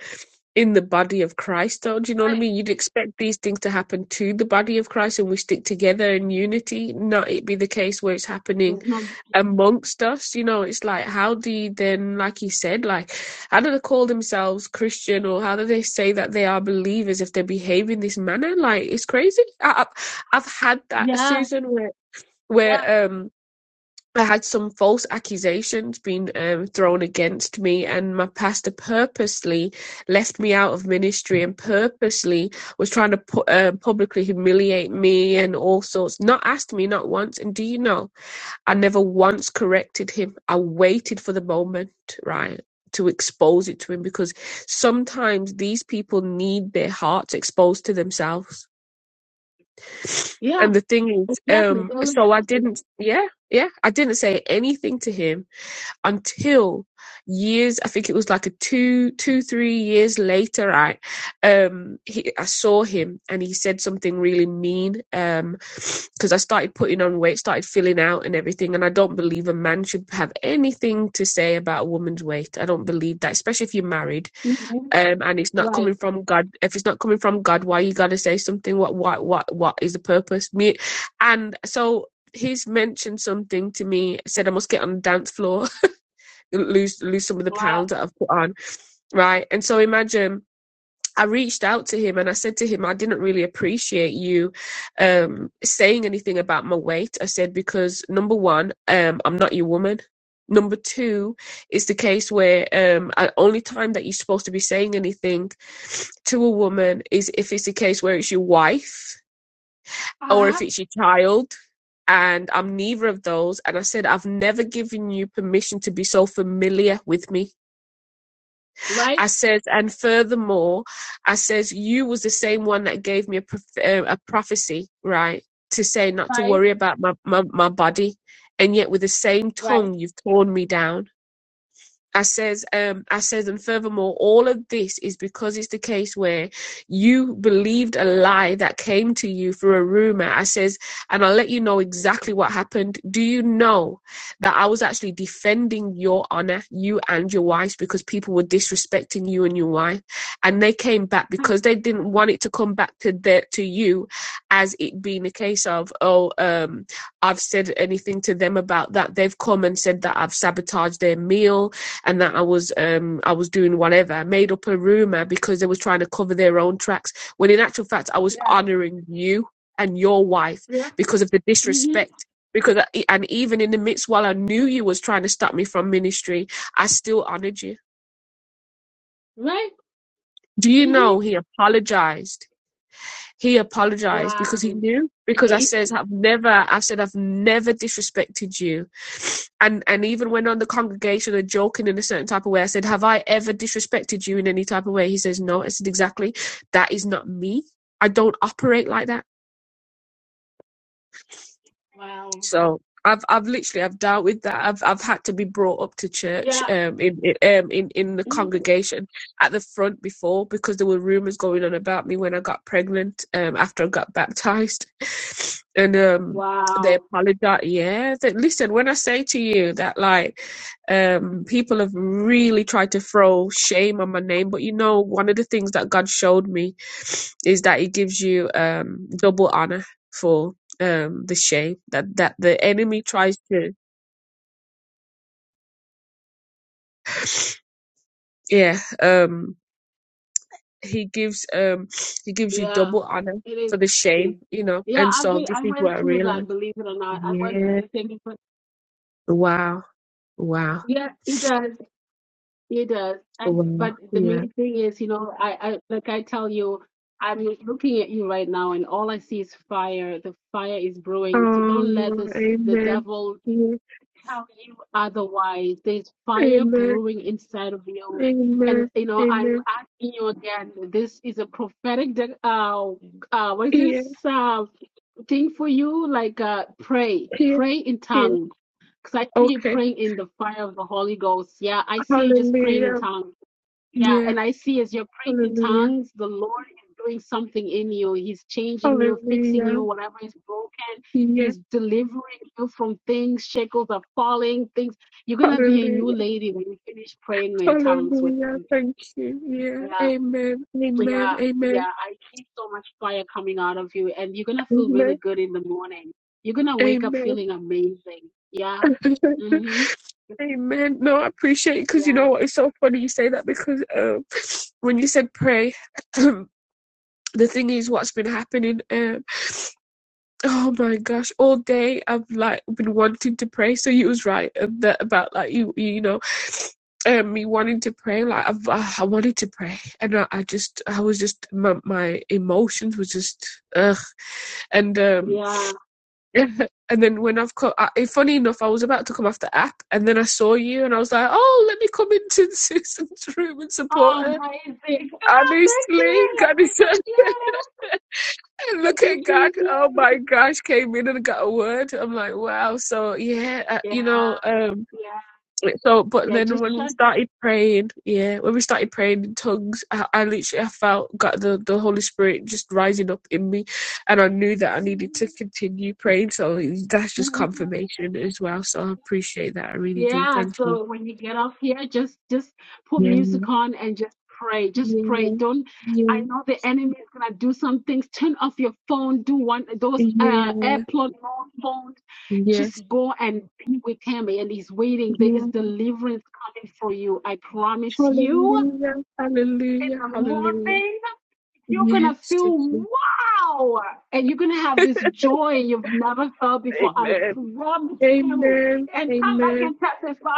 Speaker 2: in the body of Christ, though. Do you know what I
Speaker 1: Right.
Speaker 2: mean? You'd expect these things to happen to the body of Christ and we stick together in unity, not it be the case where it's happening
Speaker 1: There's no unity.
Speaker 2: amongst us you know it's like how do you then like you said like how do they call themselves christian or how do they say that they are believers if they behave in this manner like it's crazy I, i've I've had that
Speaker 1: Yeah,
Speaker 2: susan where
Speaker 1: yeah,
Speaker 2: where um i had some false accusations being um, thrown against me and my pastor purposely left me out of ministry and purposely was trying to pu- uh, publicly humiliate me and all sorts not asked me not once and do you know I never once corrected him. I waited for the moment, right, to expose it to him because sometimes these people need their hearts exposed to themselves.
Speaker 1: yeah,
Speaker 2: And the thing is,
Speaker 1: exactly.
Speaker 2: um,
Speaker 1: They're like,
Speaker 2: so I didn't, yeah, yeah, I didn't say anything to him until years i think it was like a two two three years later Right, um he i saw him and he said something really mean um because i started putting on weight started filling out and everything and i don't believe a man should have anything to say about a woman's weight i don't believe that especially if you're married
Speaker 1: Mhm.
Speaker 2: um and it's not coming
Speaker 1: Right.
Speaker 2: from god if it's not coming from god why you gotta say something what what what what is the purpose me and so he's mentioned something to me said i must get on the dance floor lose lose some of the pounds that I've put on, right? And so imagine I reached out to him and I said to him, I didn't really appreciate you um, saying anything about my weight. I said because number one, um, I'm not your woman. Number two is the case where um, I- only time that you're supposed to be saying anything to a woman is if it's the case where it's your wife or if
Speaker 1: Uh-huh.
Speaker 2: it's your child. And I'm neither of those. And I said, I've never given you permission to be so familiar with me I
Speaker 1: Right,
Speaker 2: says, and furthermore, I says, you was the same one that gave me a, prof- uh, a prophecy, right, to say not to
Speaker 1: right,
Speaker 2: worry about my, my, my body. And yet with the same
Speaker 1: right.
Speaker 2: tongue, you've torn me down. I says, um, I says, and furthermore, all of this is because it's the case where you believed a lie that came to you through a rumor. I says, and I'll let you know exactly what happened. Do you know that I was actually defending your honor, you and your wife, because people were disrespecting you and your wife, and they came back
Speaker 1: Hmm.
Speaker 2: because they didn't want it to come back to their to you, as it being a case of, oh, um, I've said anything to them about that. They've come and said that I've sabotaged their meal and that I was um I was doing whatever, made up a rumor because they was trying to cover their own tracks. When in actual fact, I was
Speaker 1: Yeah,
Speaker 2: honoring you and your wife
Speaker 1: yeah.
Speaker 2: because of the
Speaker 1: Mm-hmm.
Speaker 2: disrespect. Because I, e, and even in the midst, while I knew you was trying to stop me from ministry, I still honored you.
Speaker 1: Right.
Speaker 2: Do you
Speaker 1: Mm-hmm.
Speaker 2: know he apologized? he apologized because he
Speaker 1: Wow.
Speaker 2: knew because I says
Speaker 1: Amazing.
Speaker 2: I've never I said I've never disrespected you and and even when on the congregation and joking in a certain type of way I said have I ever disrespected you in any type of way he says no I said exactly that is not me I don't operate like that
Speaker 1: Wow.
Speaker 2: So I've I've literally I've dealt with that. I've I've had to be brought up to church
Speaker 1: Yeah.
Speaker 2: um in, in um in in the
Speaker 1: Mhm.
Speaker 2: congregation at the front before because there were rumors going on about me when I got pregnant um after I got baptized, and um they
Speaker 1: Wow.
Speaker 2: apologize. Yeah, that listen when I say to you that like um people have really tried to throw shame on my name, but you know one of the things that God showed me is that He gives you um double honor for um the shape that that the enemy tries to yeah um he gives um he gives you
Speaker 1: Yeah.
Speaker 2: double honor
Speaker 1: It is.
Speaker 2: for the shame
Speaker 1: amazing.
Speaker 2: you know
Speaker 1: Yeah,
Speaker 2: and
Speaker 1: I
Speaker 2: so
Speaker 1: went,
Speaker 2: this
Speaker 1: I
Speaker 2: is what i
Speaker 1: went through that,
Speaker 2: realized
Speaker 1: believe it or not. I went
Speaker 2: yeah
Speaker 1: through the same thing. but
Speaker 2: wow wow
Speaker 1: yeah, it does. It does. And
Speaker 2: wow
Speaker 1: but the
Speaker 2: yeah
Speaker 1: main thing is, you know, I, I like I tell you, I'm looking at you right now and all I see is fire. The fire is brewing. So don't let
Speaker 2: oh
Speaker 1: this the
Speaker 2: amen
Speaker 1: devil
Speaker 2: yeah
Speaker 1: tell you otherwise. There's fire
Speaker 2: amen
Speaker 1: brewing inside of you. And,
Speaker 2: amen
Speaker 1: you know, I'm
Speaker 2: amen
Speaker 1: asking you again, this is a prophetic, de- uh, uh, what is
Speaker 2: yeah
Speaker 1: this uh, thing for you? Like, uh, pray,
Speaker 2: yeah
Speaker 1: pray in
Speaker 2: yeah
Speaker 1: tongue. Because I see you
Speaker 2: okay
Speaker 1: praying in the fire of the Holy Ghost. Yeah, I see you just praying in
Speaker 2: hallelujah
Speaker 1: tongues. Yeah,
Speaker 2: yeah
Speaker 1: and I see as you're praying in
Speaker 2: hallelujah
Speaker 1: tongues, the Lord is doing something in you. He's changing you, fixing
Speaker 2: hallelujah
Speaker 1: you, whatever is broken.
Speaker 2: yeah
Speaker 1: He's delivering you from things, shackles are falling, things. You're gonna be a new
Speaker 2: hallelujah
Speaker 1: lady when you finish praying in tongues with
Speaker 2: Hallelujah.
Speaker 1: him.
Speaker 2: Thank you. Yeah.
Speaker 1: Yeah,
Speaker 2: Amen. Amen.
Speaker 1: yeah,
Speaker 2: Amen.
Speaker 1: yeah. I see so much fire coming out of you, and you're gonna feel really
Speaker 2: Amen.
Speaker 1: good in the morning. You're gonna wake up
Speaker 2: Amen.
Speaker 1: feeling amazing. Yeah. Mm-hmm.
Speaker 2: Amen. No, I appreciate it because you
Speaker 1: Yeah.
Speaker 2: know what? It's so funny you say that because um, when you said pray, the thing is, what's been happening? Um, oh my gosh, all day I've like been wanting to pray. So you was right um, that about like you, you know, um, me wanting to pray. Like I've, uh, I wanted to pray, and I, I just, I was just my, my emotions was just, ugh. And um,
Speaker 1: Yeah.
Speaker 2: and then when I've come, I, eh, funny enough, I was about to come after app, and then I saw you, and I was like, "Oh, let me come into Susan's room and support
Speaker 1: Oh,
Speaker 2: her."
Speaker 1: amazing. Ah, thank
Speaker 2: Honestly,
Speaker 1: you.
Speaker 2: God is
Speaker 1: Thank you. I
Speaker 2: look at God.
Speaker 1: appreciate
Speaker 2: Oh my
Speaker 1: you.
Speaker 2: gosh, came in and got a word. I'm like, wow. So yeah, uh,
Speaker 1: Yeah,
Speaker 2: you know. Um,
Speaker 1: yeah,
Speaker 2: so, but
Speaker 1: yeah.
Speaker 2: then
Speaker 1: Just
Speaker 2: when we
Speaker 1: shut.
Speaker 2: started praying, yeah, when we started praying in tongues, I, I literally I felt got the the Holy Spirit just rising up in me, and I knew that I needed to continue praying. So that's just
Speaker 1: Mhm.
Speaker 2: confirmation as well. So I appreciate that. I really do.
Speaker 1: Yeah.
Speaker 2: Thank you.
Speaker 1: So when you get off here, just just put
Speaker 2: Yeah.
Speaker 1: music on and just pray. Just pray.
Speaker 2: Yeah.
Speaker 1: Don't. I
Speaker 2: Yeah.
Speaker 1: know the enemy is gonna do some things. Turn off your phone. Do one those uh
Speaker 2: Yeah.
Speaker 1: airplane mode phones.
Speaker 2: Yes.
Speaker 1: Just go and be with him, and he's waiting. There
Speaker 2: Yeah.
Speaker 1: is deliverance coming for you. I promise you.
Speaker 2: Hallelujah.
Speaker 1: In
Speaker 2: Hallelujah.
Speaker 1: the
Speaker 2: Hallelujah.
Speaker 1: morning. You're
Speaker 2: Yes.
Speaker 1: gonna
Speaker 2: yes,
Speaker 1: feel wow, and you're gonna have
Speaker 2: yes.
Speaker 1: this joy you've never felt before. I
Speaker 2: Amen.
Speaker 1: promise you.
Speaker 2: Amen.
Speaker 1: And come back
Speaker 2: Amen.
Speaker 1: and testify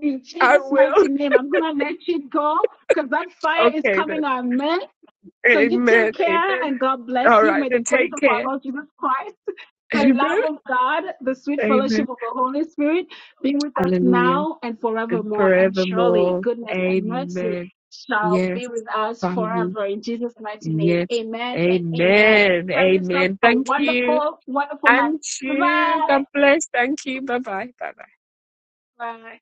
Speaker 1: in
Speaker 2: I
Speaker 1: Jesus'
Speaker 2: will.
Speaker 1: mighty name. I'm gonna let you go because that fire is
Speaker 2: Okay then.
Speaker 1: coming on, man. So you
Speaker 2: Amen.
Speaker 1: take care
Speaker 2: Amen.
Speaker 1: and God
Speaker 2: All
Speaker 1: bless you.
Speaker 2: right.
Speaker 1: May the
Speaker 2: Then
Speaker 1: grace
Speaker 2: take
Speaker 1: of
Speaker 2: care.
Speaker 1: our Lord Jesus Christ the
Speaker 2: Amen.
Speaker 1: love of God, the sweet
Speaker 2: Amen.
Speaker 1: fellowship of the Holy Spirit be with us
Speaker 2: Hallelujah.
Speaker 1: now and
Speaker 2: And
Speaker 1: forevermore. And surely
Speaker 2: forevermore.
Speaker 1: goodness and mercy
Speaker 2: Amen.
Speaker 1: shall
Speaker 2: Yes,
Speaker 1: be with us
Speaker 2: Father.
Speaker 1: forever. In Jesus' mighty name,
Speaker 2: Yes.
Speaker 1: amen and amen.
Speaker 2: Amen.
Speaker 1: Have yourself
Speaker 2: Amen.
Speaker 1: a
Speaker 2: Thank you.
Speaker 1: wonderful, wonderful night.
Speaker 2: And you.
Speaker 1: Bye-bye.
Speaker 2: God bless. Thank you. Bye bye. Bye bye.
Speaker 1: Bye.